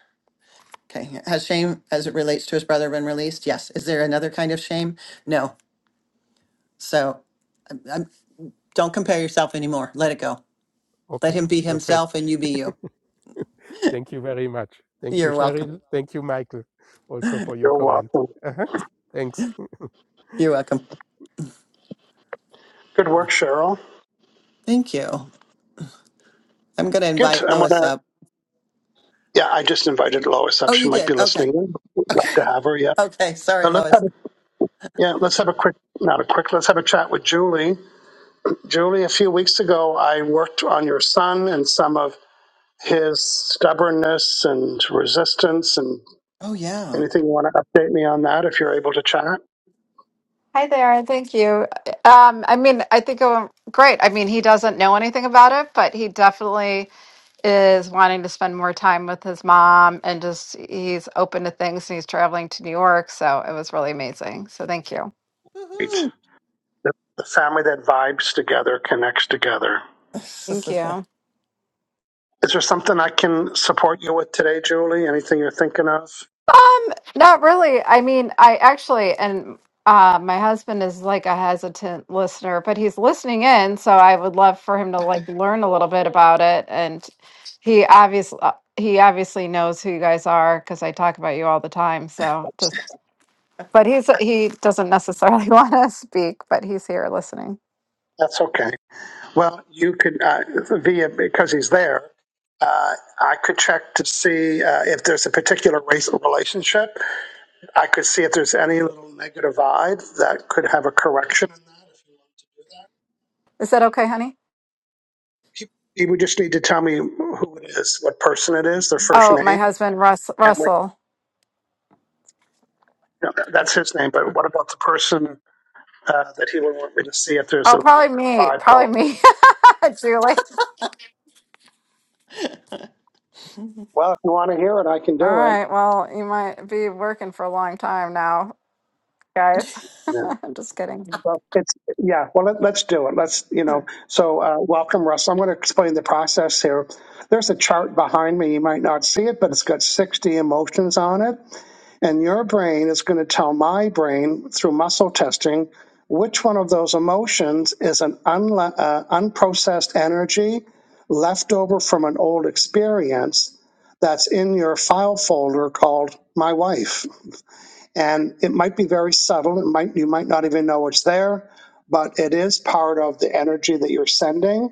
Speaker 2: Okay. Has shame as it relates to his brother been released? Yes. Is there another kind of shame? No. So um, don't compare yourself anymore. Let it go. Let
Speaker 5: Okay,
Speaker 2: him be
Speaker 5: perfect.
Speaker 2: himself and you be you.
Speaker 5: Thank you very much. Thank you,
Speaker 2: You're welcome.
Speaker 5: Cheryl. Thank you, Michael, also for your
Speaker 1: You're
Speaker 5: comment.
Speaker 1: welcome.
Speaker 5: Uh-huh. Thanks.
Speaker 2: You're welcome.
Speaker 1: Good work, Cheryl.
Speaker 2: Thank you. I'm going to
Speaker 1: Good.
Speaker 2: invite
Speaker 1: I'm
Speaker 2: Lois
Speaker 1: gonna.
Speaker 2: up.
Speaker 1: Yeah, I just invited Lois
Speaker 2: Oh,
Speaker 1: up.
Speaker 2: you
Speaker 1: She might
Speaker 2: did?
Speaker 1: be
Speaker 2: Okay.
Speaker 1: listening. We'd love
Speaker 2: Okay.
Speaker 1: to have her. Yeah.
Speaker 2: Okay. Sorry,
Speaker 1: But let's
Speaker 2: Lois.
Speaker 1: have a, yeah. Let's have a quick, not a quick. Let's have a chat with Julie. Julie, a few weeks ago, I worked on your son and some of his stubbornness and resistance. And
Speaker 2: Oh, yeah.
Speaker 1: anything you want to update me on that, if you're able to chat.
Speaker 6: Hi there. Thank you. Um, I mean, I think it went great. I mean, he doesn't know anything about it, but he definitely is wanting to spend more time with his mom and just he's open to things and he's traveling to New York. So it was really amazing. So thank you.
Speaker 1: Great.
Speaker 2: Woohoo.
Speaker 1: The, the family that vibes together connects together.
Speaker 6: Thank you.
Speaker 1: Is there something I can support you with today, Julie? Anything you're thinking of?
Speaker 6: Not really. I mean, I actually, and uh, my husband is like a hesitant listener, but he's listening in, so I would love for him to like learn a little bit about it. And he obviously he obviously knows who you guys are because I talk about you all the time. So just, but he's he doesn't necessarily want to speak, but he's here listening.
Speaker 1: That's okay. Well, you could uh, via because he's there. Uh, I could check to see uh, if there's a particular race or relationship. I could see if there's any little negative vibe that could have a correction in that.
Speaker 6: Is that okay, honey?
Speaker 1: You you would just need to tell me who it is, what person it is, their first
Speaker 6: Oh, my
Speaker 1: name,
Speaker 6: husband, Russ,
Speaker 1: and like,
Speaker 6: Russell.
Speaker 1: no, that- that's his name. But what about the person uh, that he would want me to see if there's a
Speaker 6: Oh,
Speaker 1: little
Speaker 6: probably me.
Speaker 1: vibe going?
Speaker 6: Probably me, Julie.
Speaker 1: Well, if you want to hear it, I can
Speaker 6: All
Speaker 1: do it.
Speaker 6: right. Well, you might be working for a long time now. guys.
Speaker 1: Yeah.
Speaker 6: I'm just kidding.
Speaker 1: Well, it's yeah. Well, let, let's do it. Let's you know. So, uh, welcome, Russ. I'm going to explain the process here. There's a chart behind me. You might not see it, but it's got 60 emotions on it. And your brain is going to tell my brain through muscle testing which one of those emotions is an unle- uh, unprocessed energy left over from an old experience that's in your file folder called my wife. And it might be very subtle. It might you might not even know it's there, but it is part of the energy that you're sending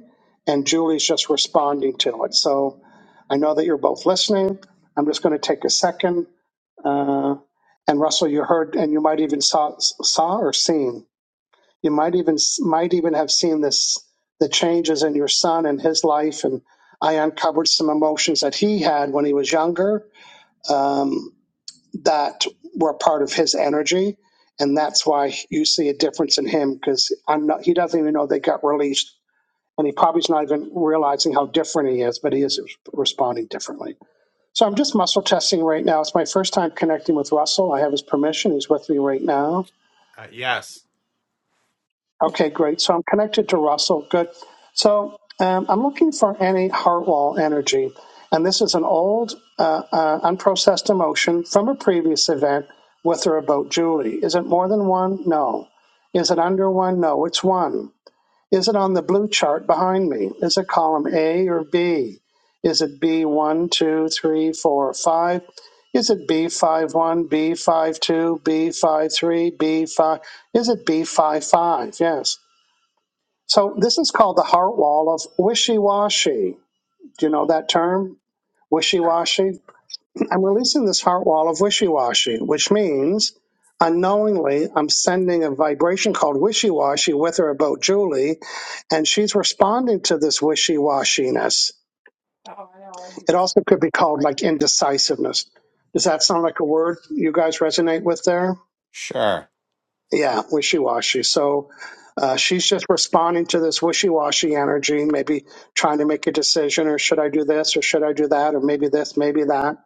Speaker 1: and Julie's just responding to it. So I know that you're both listening. I'm just going to take a second uh, and Russell, you heard, and you might even saw, saw or seen. You might even might even have seen this the changes in your son and his life. And I uncovered some emotions that he had when he was younger um, that were part of his energy, and that's why you see a difference in him because I'm not. He doesn't even know they got released, and he probably is not even realizing how different he is, but he is responding differently. So I'm just muscle testing right now. It's my first time connecting with Russell. I have his permission. He's with me right now. Okay, great. So I'm connected to Russell. Good. So um, I'm looking for any heart wall energy. And this is an old, uh, uh, unprocessed emotion from a previous event with or about Julie. Is it more than one? No. Is it under one? No, it's one. Is it on the blue chart behind me? Is it column A or B? Is it b one, two, three, four, five? Is it B 5? one, B five two, b five three, B5? Is it b five five? Yes. So this is called the heart wall of wishy washy. Do you know that term? Wishy washy? I'm releasing this heart wall of wishy washy, which means unknowingly I'm sending a vibration called wishy washy with her about Julie, and she's responding to this wishy washiness. It also could be called like indecisiveness. Does that sound like a word you guys resonate with there? Yeah, wishy washy. So uh, she's just responding to this wishy washy energy, maybe trying to make a decision or should I do this or should I do that or maybe this, maybe that.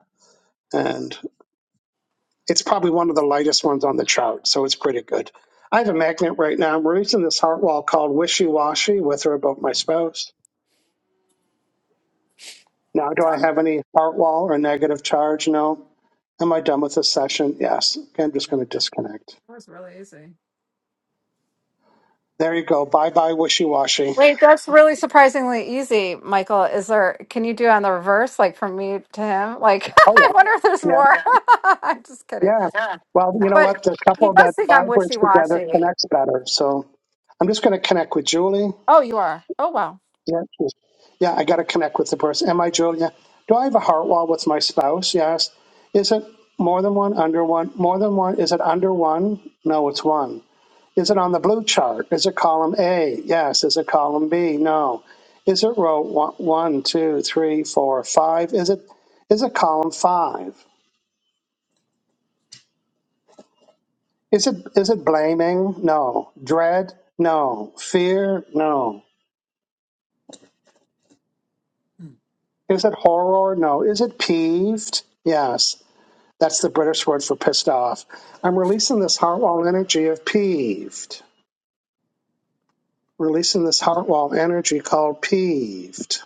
Speaker 1: and. It's probably one of the lightest ones on the chart, so it's pretty good. I have a magnet right now. I'm releasing this heart wall called Wishy Washy with or about my spouse. Now, do I
Speaker 6: That
Speaker 1: have any heart wall or negative charge? No. Am I done with this session? Yes. Okay, I'm just going to disconnect.
Speaker 6: was really easy.
Speaker 1: There you go. Bye bye, wishy washy.
Speaker 6: Wait, that's really surprisingly easy, Michael. Is there, can you do it on the reverse, like from me to him? Like,
Speaker 1: Oh,
Speaker 6: I
Speaker 1: yeah.
Speaker 6: wonder if there's
Speaker 1: Yeah.
Speaker 6: more. I'm just kidding.
Speaker 1: Yeah. Well, you know
Speaker 6: But
Speaker 1: what? The
Speaker 6: he
Speaker 1: couple that
Speaker 6: does think I'm
Speaker 1: vibrates
Speaker 6: wishy
Speaker 1: together
Speaker 6: washy.
Speaker 1: connects better. So I'm just going to connect with Julie.
Speaker 6: Oh, you are. Oh, wow.
Speaker 1: Yeah, cool. yeah. I got to connect with the person. Am I Julia? Do I have a heart wall with my spouse? Yes. Is it more than one? Under one? More than one? Is it under one? No, it's one. Is it on the blue chart? Is it column A? Yes. Is it column B? No. Is it row one, one, two, three, four, five? Is it is it column five? Is it is it blaming? No. Dread? No. Fear? No. Is it horror? No. Is it peeved? Yes. That's the British word for pissed off. I'm releasing this heartwall energy of peeved. Releasing this heartwall energy called peeved.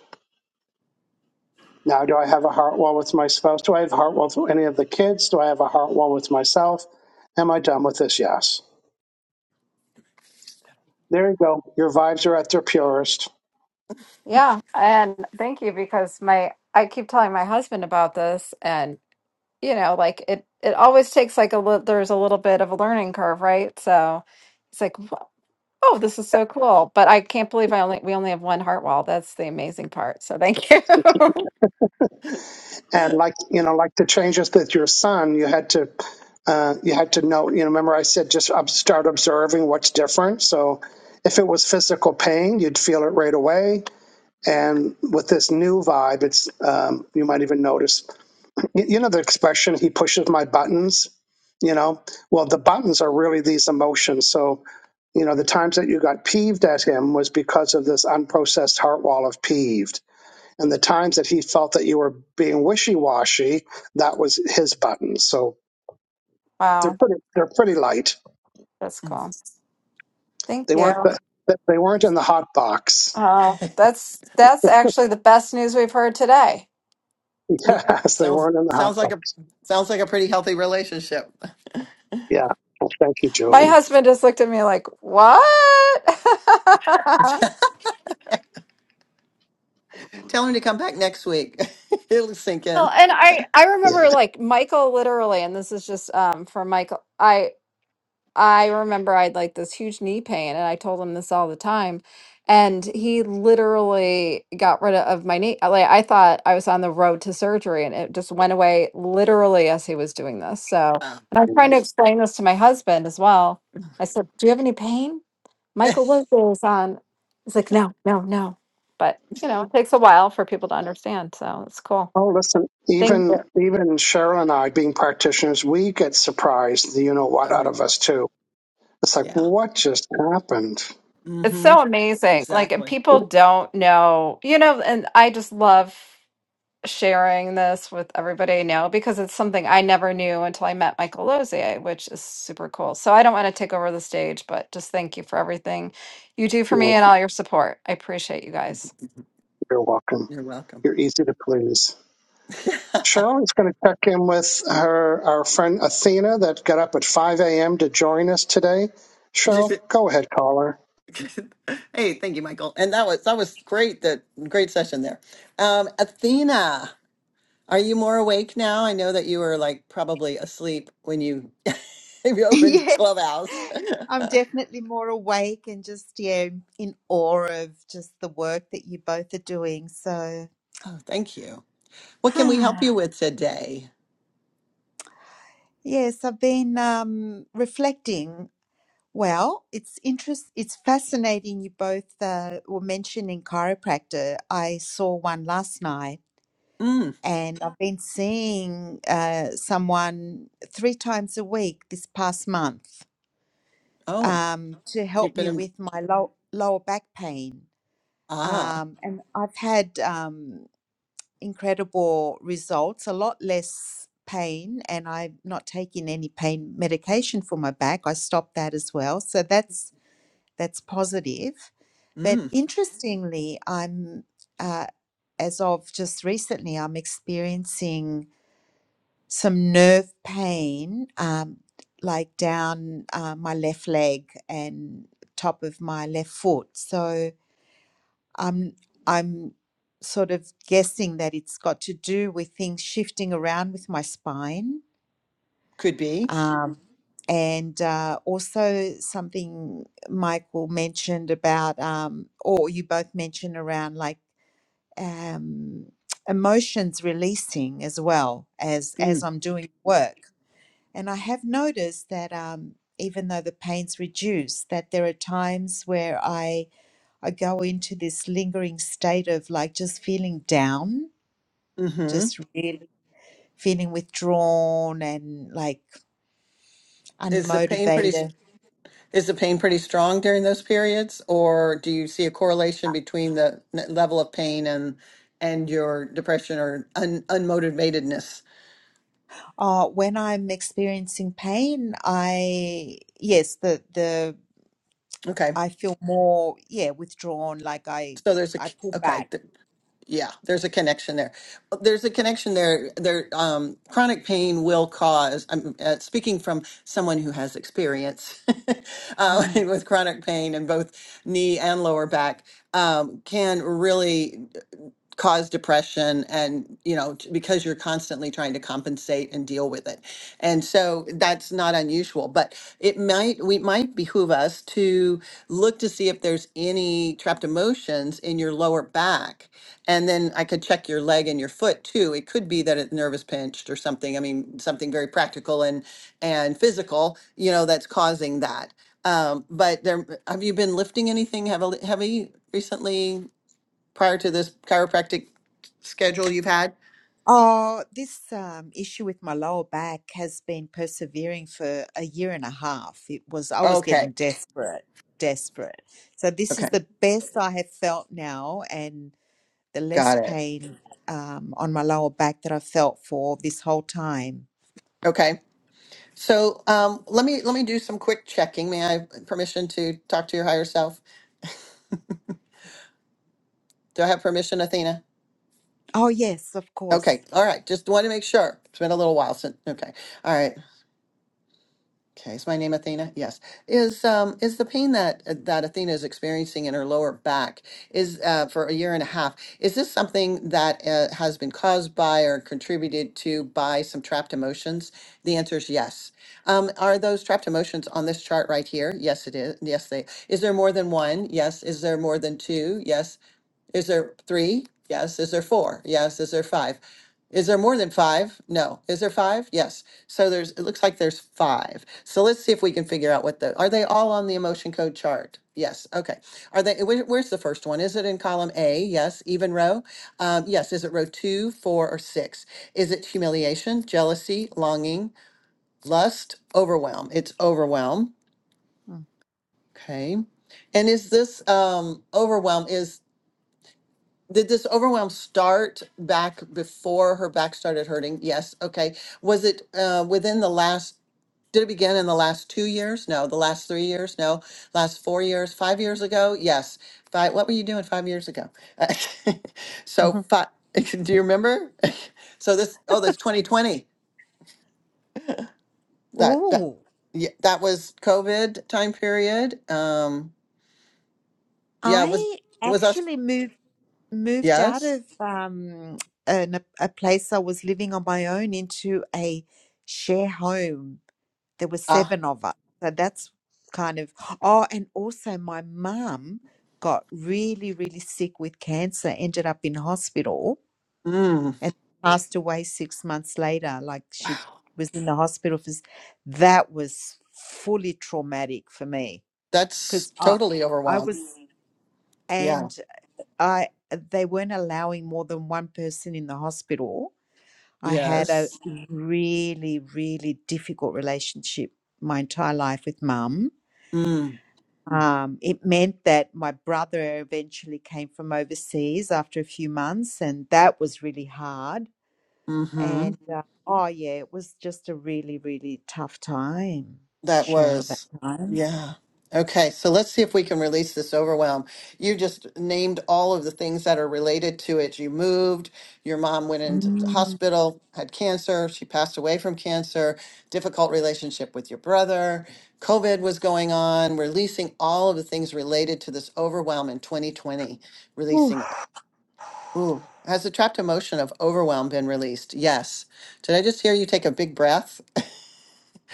Speaker 1: Now, do I have a heartwall with my spouse? Do I have a heartwall with any of the kids? Do I have a heartwall with myself? Am I done with this? Yes. There you go. Your vibes are at their purest.
Speaker 6: Yeah. And thank you because my, I keep telling my husband about this and, you know, like it, it always takes like a little, there's a little bit of a learning curve, right? So it's like, "What?" Oh, this is so cool. But I can't believe I only we only have one heart wall. That's the amazing part. So thank you.
Speaker 1: And like you know, like the changes with your son, you had to uh, you had to know. You know, remember I said just ob- start observing what's different. So if it was physical pain, you'd feel it right away And with this new vibe, it's um, you might even notice, y- you know, the expression "he pushes my buttons." You know, well, the buttons are really these emotions. So, you know, the times that you got peeved at him was because of this unprocessed heart wall of peeved, and the times that he felt that you were being wishy washy, that was his buttons. So they're
Speaker 6: wow,
Speaker 1: pretty, they're pretty light.
Speaker 6: that's cool. Thank
Speaker 1: They weren't,
Speaker 6: you.
Speaker 1: they weren't in the hot box.
Speaker 6: Oh, that's that's actually the best news we've heard today.
Speaker 1: Yes, they
Speaker 2: sounds
Speaker 1: weren't in the hot
Speaker 2: sounds like a
Speaker 1: box.
Speaker 2: sounds like a pretty healthy relationship.
Speaker 1: Yeah. Well, thank you,
Speaker 6: My
Speaker 1: Julie.
Speaker 6: husband just looked at me like, "What?"
Speaker 2: Tell him to come back next week. It'll sink
Speaker 6: Well,
Speaker 2: in.
Speaker 6: and I I remember
Speaker 1: Yes.
Speaker 6: like Michael literally, and this is just um for Michael. I. I remember I had like this huge knee pain, and I told him this all the time. And he literally got rid of my knee. uh, Like I thought I was on the road to surgery, and it just went away literally as he was doing this. So,
Speaker 2: Oh,
Speaker 6: and I'm trying to
Speaker 2: that's
Speaker 6: explain this to my husband as well. I said, "Do you have any pain?" Michael Lugo is on. He's like, "No, no, no." But you know, it takes a while for people to understand. So it's cool.
Speaker 1: Oh, listen,
Speaker 6: Thank you.
Speaker 1: even even Cheryl and I, being practitioners, we get surprised, the you know what,
Speaker 2: oh
Speaker 1: out of us too. It's like,
Speaker 2: yeah.
Speaker 1: what just happened?
Speaker 6: It's
Speaker 2: Mm-hmm.
Speaker 6: so amazing. Like, and
Speaker 2: Exactly.
Speaker 6: people don't know, you know, and I just love. sharing this with everybody now because it's something I never knew until I met Michael Lozier, which is super cool. So I don't want to take over the stage, but just thank you for everything you do for
Speaker 1: You
Speaker 6: me
Speaker 1: know,
Speaker 6: and all your support. I appreciate you guys.
Speaker 1: you're welcome.
Speaker 2: You're welcome.
Speaker 1: You're easy to please. Cheryl is going to check in with her our friend Athena that got up at 5 a.m. to join us today. Cheryl, go ahead, caller.
Speaker 2: hey, thank you, Michael. And that was that was great. That great session there. Um, Athena, are you more awake now? I know that you were like probably asleep when you if you opened
Speaker 3: yes.
Speaker 2: Clubhouse.
Speaker 3: I'm
Speaker 2: oh,
Speaker 3: definitely more awake and just yeah in awe of just the work that you both are doing. So
Speaker 2: thank you. What can we help you with today?
Speaker 3: yes, I've been um, reflecting. Well, it's interest. It's fascinating. You both uh, were mentioning chiropractor. I saw one last night
Speaker 2: Mm.
Speaker 3: and I've been seeing uh, someone three times a week this past month
Speaker 2: Oh,
Speaker 3: um, to
Speaker 2: you've
Speaker 3: help
Speaker 2: been
Speaker 3: me
Speaker 2: in,
Speaker 3: with my low, lower back pain.
Speaker 2: ah.
Speaker 3: Um, and I've had um, incredible results, a lot less pain, and I'm not taking any pain medication for my back. I stopped that as well, so that's that's positive. But
Speaker 2: Mm.
Speaker 3: interestingly, I'm uh, as of just recently, I'm experiencing some nerve pain, um, like down uh, my left leg and top of my left foot. So I'm I'm sort of guessing that it's got to do with things shifting around with my spine.
Speaker 2: Could be.
Speaker 3: Um, and uh, also something Michael mentioned about, um, or you both mentioned around like um, emotions releasing as well as as
Speaker 2: Mm.
Speaker 3: I'm doing work. And I have noticed that um, even though the pain's reduced, that there are times where I I go into this lingering state of like just feeling down,
Speaker 2: Hmm.
Speaker 3: just really feeling withdrawn and like
Speaker 2: Is the pain pretty?
Speaker 3: unmotivated.
Speaker 2: Is the pain pretty strong during those periods, or do you see a correlation between the n- level of pain and and your depression or un, unmotivatedness?
Speaker 3: Uh, when I'm experiencing pain, I yes, the the
Speaker 2: Okay,
Speaker 3: I feel more yeah withdrawn, like I
Speaker 2: so there's a
Speaker 3: I
Speaker 2: c-
Speaker 3: pull
Speaker 2: okay,
Speaker 3: back.
Speaker 2: th- yeah, there's a connection there. Uh, There's a connection there. There, um, chronic pain will cause. I'm uh, speaking from someone who has experience uh,
Speaker 3: Mm.
Speaker 2: with chronic pain in both knee and lower back. Um, can really. cause depression and you know t- because you're constantly trying to compensate and deal with it and so that's not unusual but it might we might behoove us to look to see if there's any trapped emotions in your lower back and then i could check your leg and your foot too it could be that a nerve is pinched or something i mean something very practical and and physical you know that's causing that um, but there have you been lifting anything heavily heavy recently prior to this chiropractic schedule you've had?
Speaker 3: Oh, this um, issue with my lower back has been persevering for a year and a half. It was, I was
Speaker 2: Okay.
Speaker 3: getting desperate, desperate. So this
Speaker 2: Okay.
Speaker 3: is the best I have felt now, and the less
Speaker 2: Got it.
Speaker 3: pain um, on my lower back that I felt for this whole time.
Speaker 2: Okay. So um, let me let me do some quick checking. May I have permission to talk to your higher self? Do I have permission, Athena?
Speaker 3: Oh, yes, of course.
Speaker 2: Okay. All right. Just want to make sure. It's been a little while since. Okay. All right. Okay, is my name Athena? Yes. Is um is the pain that that Athena is experiencing in her lower back is uh, for a year and a half? Is this something that uh, has been caused by or contributed to by some trapped emotions? The answer is yes. Um, are those trapped emotions on this chart right here? Yes, it is. Yes, they. Is there more than one? Yes. Is there more than two? Yes. Is there three? Yes. Is there four? Yes. Is there five? Is there more than five? No. Is there five? Yes. So there's, it looks like there's five. So let's see if we can figure out what the, are they all on the emotion code chart? Yes. Okay. Are they, where- where's the first one? Is it in column A? Yes. Even row? Um, yes. Is it row two, four, or six? Is it humiliation, jealousy, longing, lust, overwhelm? It's overwhelm. Okay. And is this um, overwhelm is did this overwhelm start back before her back started hurting? Yes. Okay. Was it uh, within the last, did it begin in the last two years? No. The last three years? No. Last four years? Five years ago? Yes. Five, what were you doing five years ago? so,
Speaker 3: hmm
Speaker 2: five, do you remember? so, this, oh, that's 2020. That, that,
Speaker 3: Oh,
Speaker 2: yeah, that was COVID time period. Um, yeah, was,
Speaker 3: I
Speaker 2: was us,
Speaker 3: actually moved moved out
Speaker 2: yes.
Speaker 3: of um an, a place I was living on my own into a share home. There were
Speaker 2: Ah,
Speaker 3: seven of us. So that's kind of, oh, and also my mum got really, really sick with cancer, ended up in hospital
Speaker 2: mm.
Speaker 3: and passed away six months later. Like she was in the hospital for, s- that was fully traumatic for me
Speaker 2: That's
Speaker 3: because I,
Speaker 2: totally
Speaker 3: I
Speaker 2: overwhelmed.
Speaker 3: was, Mm.
Speaker 2: Yeah.
Speaker 3: and I, they weren't allowing more than one person in the hospital. I had a
Speaker 2: Yes.
Speaker 3: Mm. really, really difficult relationship my entire life with mum.
Speaker 2: Mm.
Speaker 3: Um, it meant that my brother eventually came from overseas after a few months, and that was really hard.
Speaker 2: Hmm.
Speaker 3: And uh, oh, yeah, it was just a really, really tough time,
Speaker 2: That
Speaker 3: Cheryl, that
Speaker 2: was.
Speaker 3: time.
Speaker 2: Yeah. Okay. So let's see if we can release this overwhelm. You just named all of the things that are related to it. You moved. Your mom went into the
Speaker 3: Mm.
Speaker 2: hospital, had cancer. She passed away from cancer. Difficult relationship with your brother. COVID was going on. Releasing all of the things related to this overwhelm in 2020. Releasing
Speaker 3: Oof,
Speaker 2: Ooh, has the trapped emotion of overwhelm been released? Yes. Did I just hear you take a big breath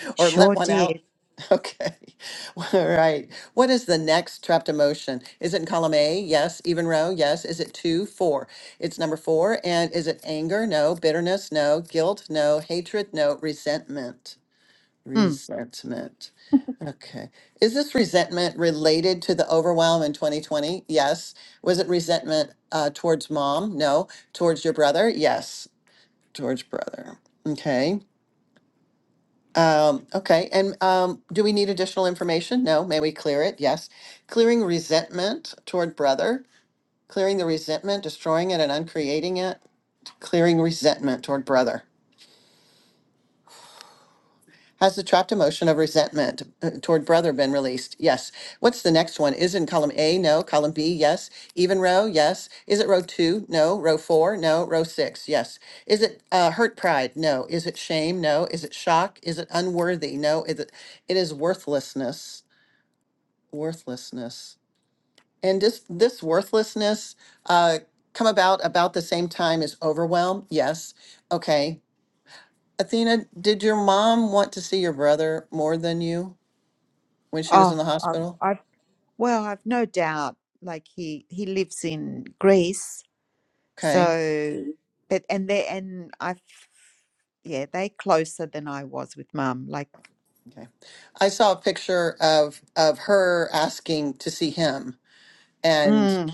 Speaker 2: or let
Speaker 3: sure
Speaker 2: one out?
Speaker 3: did.
Speaker 2: Okay. All right. What is the next trapped emotion? Is it in column A? Yes. Even row? Yes. Is it two? Four. It's number four. And is it anger? No. Bitterness? No. Guilt? No. Hatred? No. Resentment.
Speaker 3: Mm.
Speaker 2: Resentment. Okay. Is this resentment related to the overwhelm in 2020? Yes. Was it resentment uh, towards mom? No. Towards your brother? Yes. Towards brother. Okay. Um, okay. And um, do we need additional information? No. May we clear it? Yes. Clearing resentment toward brother, clearing the resentment, destroying it and uncreating it, clearing resentment toward brother. Has the trapped emotion of resentment uh, toward brother been released? Yes. What's the next one? Is in column A? No. Column B? Yes. Even row? Yes. Is it row two? No. Row four? No. Row six? Yes. Is it uh, hurt pride? No. Is it shame? No. Is it shock? Is it unworthy? No. Is it? It is worthlessness. Worthlessness. And this this worthlessness uh, come about about the same time as overwhelm. Yes. Okay. Athena, did your mom want to see your brother more than you? when she was in
Speaker 3: Oh,
Speaker 2: the
Speaker 3: I've,
Speaker 2: hospital?
Speaker 3: I've, well, I've no doubt. Like he, he lives in Greece,
Speaker 2: Okay.
Speaker 3: so but and they and I, yeah, they closer than I was with Mum. Like,
Speaker 2: Okay. I saw a picture of of her asking to see him and
Speaker 3: mm,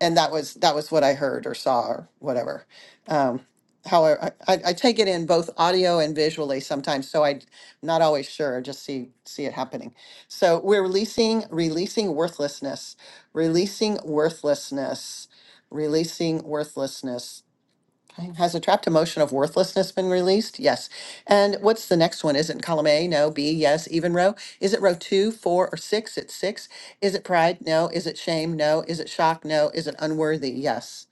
Speaker 2: and that was that was what I heard or saw or whatever. Um however I, I I take it in both audio and visually sometimes so I'm not always sure I just see see it happening. So we're releasing releasing worthlessness, releasing worthlessness, releasing worthlessness. Okay, Has a trapped emotion of worthlessness been released? Yes. And what's the next one? Is it in column A? No. B? Yes. Even row? Is it row two, four, or six? It's six. Is it pride? No. Is it shame? No. Is it shock? No. Is it unworthy? Yes.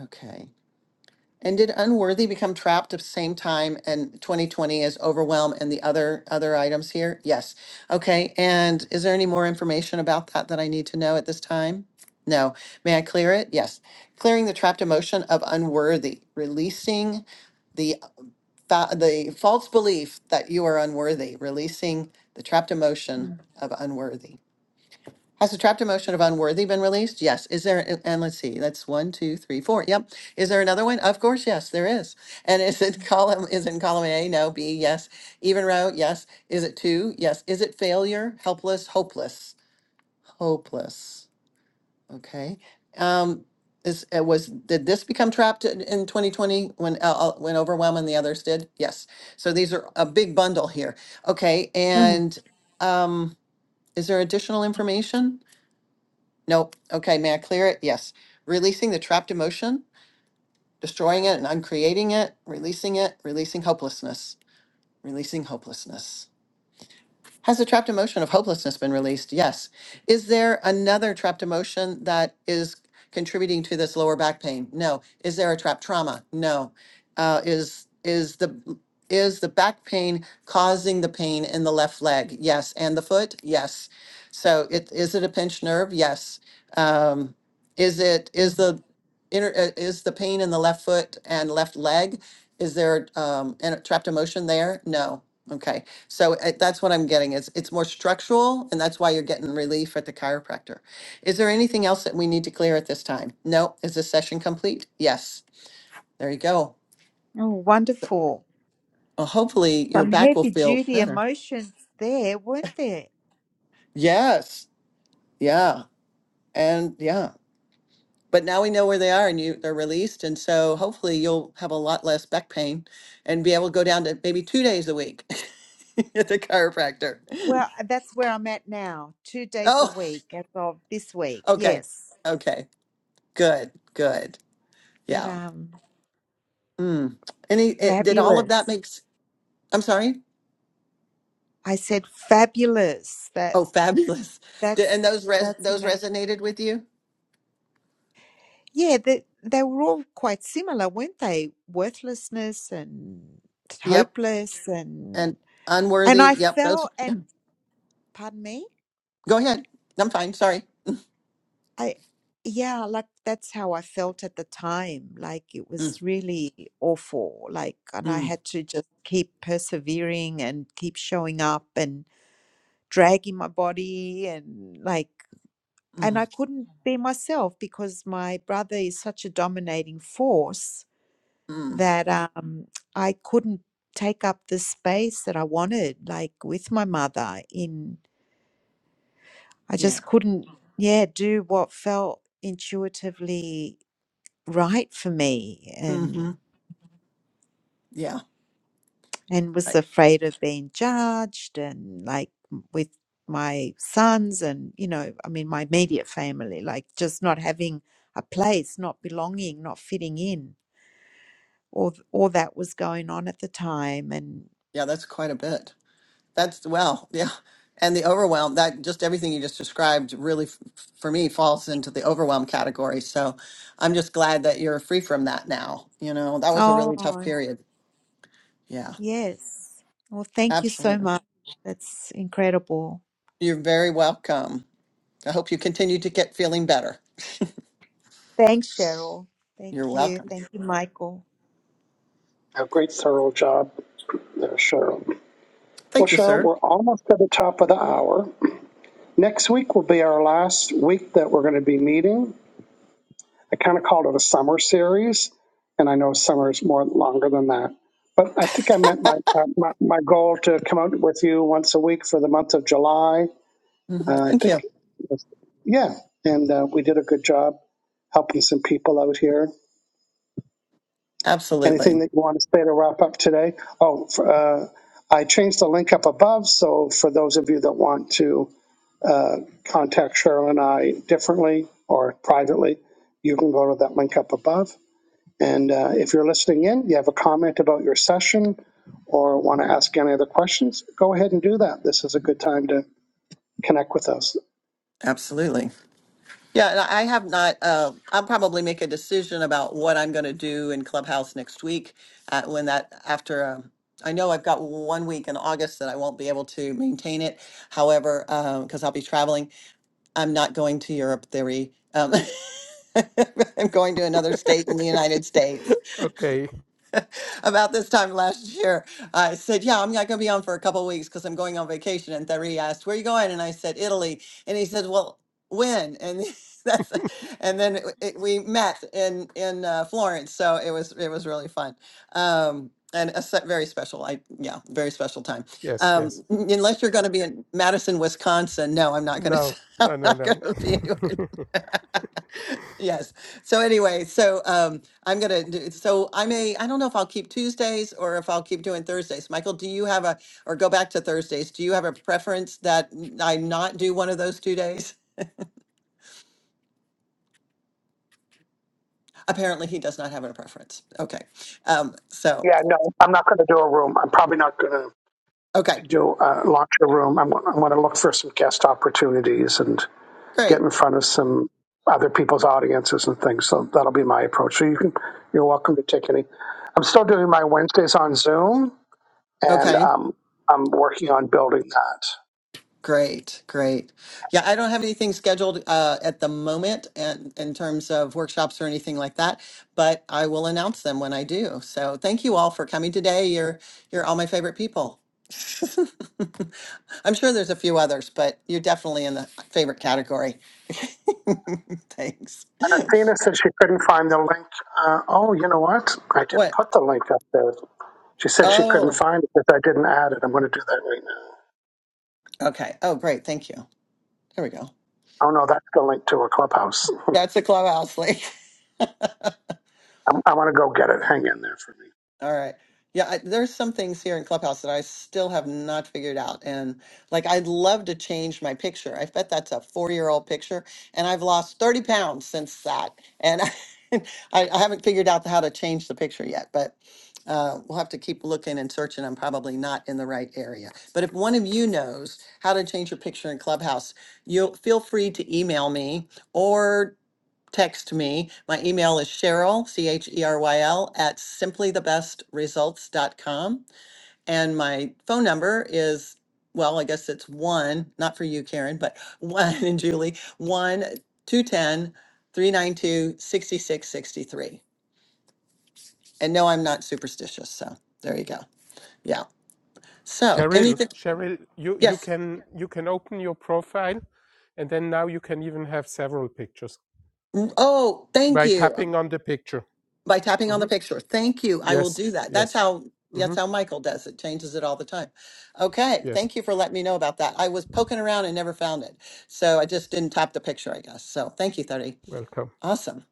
Speaker 2: Okay. And did unworthy become trapped at the same time and 2020 is overwhelm and the other other items here? Yes. Okay. And is there any more information about that that I need to know at this time? No. May I clear it? Yes. Clearing the trapped emotion of unworthy, releasing the fa- the false belief that you are unworthy, releasing the trapped emotion of unworthy. Has the trapped emotion of unworthy been released? Yes. Is there, a- and let's see, that's one, two, three, four. Yep. Is there another one? Of course, yes, there is. And is it column, is it in column A? No. B, yes. Even row? Yes. Is it two? Yes. Is it failure? Helpless, hopeless, hopeless. Okay. Um, is, it was, did this become trapped in, in 2020 when, uh, uh, when overwhelm and the others did? Yes. So these are a big bundle here. Okay.
Speaker 3: mm.
Speaker 2: And, um, is there additional information? Nope. Okay, may I clear it? Yes. Releasing the trapped emotion, destroying it and uncreating it, releasing it, releasing hopelessness, releasing hopelessness. Has the trapped emotion of hopelessness been released? Yes. Is there another trapped emotion that is contributing to this lower back pain? No. Is there a trapped trauma? No. Uh, is is the is the back pain causing the pain in the left leg? Yes. And the foot? Yes. So it is it a pinched nerve? Yes. Um, is it is
Speaker 3: Mm.
Speaker 2: the inner uh, is the pain in the left foot and left leg? Is there um, a trapped emotion there? No. Okay. So uh, that's what I'm getting. Is it's more structural, and that's why you're getting relief at the chiropractor. Is there anything else that we need to clear at this time? No. Is this session complete? Yes. There you go.
Speaker 3: Oh, wonderful.
Speaker 2: Well, hopefully your
Speaker 3: Some
Speaker 2: back will
Speaker 3: heavy
Speaker 2: feel
Speaker 3: duty
Speaker 2: better.
Speaker 3: emotions there, weren't there?
Speaker 2: Yes. Yeah. And yeah. But now we know where they are, and you they're released, and so hopefully you'll have a lot less back pain, and be able to go down to maybe two days a week at the chiropractor.
Speaker 3: Well, uh, that's where I'm at now, two days a
Speaker 2: Oh,
Speaker 3: week as of this week.
Speaker 2: okay.
Speaker 3: Yes.
Speaker 2: Okay. Good. Good.
Speaker 3: But
Speaker 2: Yeah.
Speaker 3: um
Speaker 2: Mm. Any eh, did all of that
Speaker 3: fabulous.
Speaker 2: makes I'm sorry?
Speaker 3: I said fabulous. That
Speaker 2: Oh, fabulous. Did, and
Speaker 3: that's
Speaker 2: those res
Speaker 3: that's
Speaker 2: those
Speaker 3: amazing.
Speaker 2: resonated with you?
Speaker 3: Yeah, they they were all quite similar, weren't they? Worthlessness and
Speaker 2: Yep.
Speaker 3: hopeless
Speaker 2: And
Speaker 3: and and
Speaker 2: unworthy.
Speaker 3: I
Speaker 2: Yep. Those.
Speaker 3: fell
Speaker 2: yeah.
Speaker 3: and pardon me?
Speaker 2: Go ahead. I'm fine. Sorry.
Speaker 3: I, yeah, like that's how I felt at the time. Like it
Speaker 2: Mm,
Speaker 3: was really awful. Like, and I
Speaker 2: mm,
Speaker 3: had to just keep persevering and keep showing up and dragging my body and like, and I
Speaker 2: mm,
Speaker 3: couldn't be myself because my brother is such a dominating force
Speaker 2: mm.
Speaker 3: that um, I couldn't take up the space that I wanted, like with my mother in, I
Speaker 2: Yeah.
Speaker 3: just couldn't, yeah, do what felt intuitively right for me um,
Speaker 2: Mm-hmm. Yeah.
Speaker 3: and was
Speaker 2: Right.
Speaker 3: afraid of being judged and like m- with my sons and you know i mean my immediate family like just not having a place not belonging not fitting in all th- all that was going on at the time and
Speaker 2: Yeah. That's quite a bit. That's well. Yeah. And the overwhelm. That just everything you just described really, f- for me, falls into the overwhelm category. So, I'm just glad that you're free from that now. You know, that was a really tough
Speaker 3: oh
Speaker 2: period. Yeah.
Speaker 3: yes well thank you so
Speaker 2: Absolutely.
Speaker 3: much that's incredible
Speaker 2: You're very welcome. I hope you continue to get feeling better.
Speaker 3: thanks cheryl thank
Speaker 2: You're
Speaker 3: you
Speaker 2: welcome.
Speaker 3: thank you michael
Speaker 1: A great thorough job there, Cheryl. Well,
Speaker 2: Thank you,
Speaker 1: Cheryl,
Speaker 2: sir.
Speaker 1: we're almost at the top of the hour. Next week will be our last week that we're going to be meeting. I kind of called it a summer series, and I know summer is more longer than that. But I think I meant my uh, my, my goal to come out with you once a week for the month of July.
Speaker 2: hmm
Speaker 1: Uh, I
Speaker 2: Thank
Speaker 1: think,
Speaker 2: you.
Speaker 1: it was, yeah, and uh, we did a good job helping some people out here. Anything
Speaker 2: Absolutely.
Speaker 1: that you want to say to wrap up today? Oh, for, uh, I changed the link up above, so for those of you that want to uh, contact Cheryl and I differently or privately, you can go to that link up above. And uh, if you're listening in, you have a comment about your session or want to ask any other questions, go ahead and do that. This is a good time to connect with us.
Speaker 2: Absolutely. Yeah, and I I have not. Uh, I'll probably make a decision about what I'm going to do in Clubhouse next week. Uh, when that after, um, I know I've got one week in August that I won't be able to maintain it. However, because I'll be traveling, I'm not going to Europe. Theory. Um, I'm going to another state in the United States.
Speaker 5: okay.
Speaker 2: about this time last year. I said, Yeah, I'm not going to be on for a couple of weeks because I'm going on vacation. And Thierry asked, Where are you going? And I said, Italy. And he said, Well, when? And that's, and then it, it- we met in in uh, Florence, so it was it was really fun, um, and a se- very special. I yeah, very special time.
Speaker 5: Yes,
Speaker 2: Um,
Speaker 5: yes.
Speaker 2: n- unless you're going to be in Madison, Wisconsin, no, I'm not going to.
Speaker 5: No,
Speaker 2: I'm
Speaker 5: no, no,
Speaker 2: not going to be
Speaker 5: no.
Speaker 2: anywhere. Yes. So anyway, so um, I'm gonna. do So I may. I don't know if I'll keep Tuesdays or if I'll keep doing Thursdays. Michael, do you have a or go back to Thursdays? Do you have a preference that n- I not do one of those two days? Apparently, he does not have a preference. Okay. Um, so
Speaker 1: Yeah, no, I'm not going to do a room. I'm probably not going
Speaker 2: okay,
Speaker 1: to do uh, launch a room. I'm, I'm going to look for some guest opportunities and get
Speaker 2: great.
Speaker 1: in front of some other people's audiences and things. So that'll be my approach. So you can, you're welcome to take any. I'm still doing my Wednesdays on Zoom, and
Speaker 2: Okay.
Speaker 1: um, I'm working on building that.
Speaker 2: Great, great. Yeah, I don't have anything scheduled uh, at the moment and in terms of workshops or anything like that, but I will announce them when I do. So thank you all for coming today. You're you're all my favorite people. I'm sure there's a few others, but you're definitely in the favorite category. Thanks.
Speaker 1: And Athena said she couldn't find the link. Uh, oh, you know what? I didn't
Speaker 2: What?
Speaker 1: put the link up there. She said she couldn't
Speaker 2: Oh,
Speaker 1: find it because I didn't add it. I'm going to do that right now.
Speaker 2: okay. Oh, great. Thank you. There we go.
Speaker 1: Oh, no, that's the link to a clubhouse.
Speaker 2: That's the clubhouse link.
Speaker 1: i I want to go get it. Hang in there for me.
Speaker 2: All right. Yeah, I, there's some things here in Clubhouse that I still have not figured out. And like, I'd love to change my picture. I bet that's a four year old picture. And I've lost 30 pounds since that. And I, I, haven't figured out how to change the picture yet, but uh, we'll have to keep looking and searching. I'm probably not in the right area. But if one of you knows how to change your picture in Clubhouse, you feel free to email me or text me. My email is Cheryl, C H E R Y L, at simply the best results dot com, And my phone number is, well, I guess it's one, not for you, Karen, but one and Julie, 1 two ten three nine two sixty six sixty three. And no, I'm not superstitious. So there you go. Yeah. So
Speaker 5: Cheryl,
Speaker 2: anything,
Speaker 5: Cheryl, you, you
Speaker 2: yes.
Speaker 5: can you can open your profile, and then now you can even have several pictures
Speaker 2: Mm, Oh, thank
Speaker 5: by
Speaker 2: you.
Speaker 5: tapping on the picture.
Speaker 2: by tapping on the
Speaker 5: hmm
Speaker 2: picture. Thank you. I will
Speaker 5: Yes,
Speaker 2: do that. That's
Speaker 5: yes,
Speaker 2: how
Speaker 5: hmm
Speaker 2: that's how Michael does it. Changes it all the time. Okay.
Speaker 5: yes.
Speaker 2: Thank you for letting me know about that. I was poking around and never found it. So I just didn't tap the picture, I guess. So thank you, 30.
Speaker 5: Welcome.
Speaker 2: Awesome.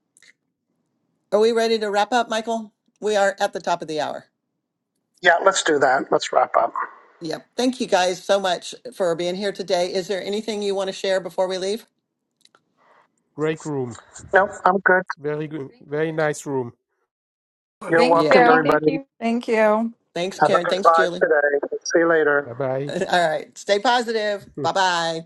Speaker 2: Are we ready to wrap up, Michael? We are at the top of the hour.
Speaker 1: Yeah, let's do that. Let's wrap up.
Speaker 2: Yep. Thank you guys so much for being here today. Is there anything you want to share before we leave?
Speaker 5: Great room.
Speaker 1: Nope, I'm good.
Speaker 5: Very good. Very nice room.
Speaker 1: You're
Speaker 6: Thank
Speaker 2: Yeah.
Speaker 1: welcome,
Speaker 4: Thank you,
Speaker 6: you.
Speaker 4: thank you.
Speaker 1: everybody.
Speaker 6: Thank you.
Speaker 2: Thanks,
Speaker 1: Have a
Speaker 2: Karen.
Speaker 1: good
Speaker 2: Thanks,
Speaker 1: vibe
Speaker 2: Julie.
Speaker 1: today. See you later.
Speaker 5: Bye bye.
Speaker 2: All right. Stay positive. Bye bye.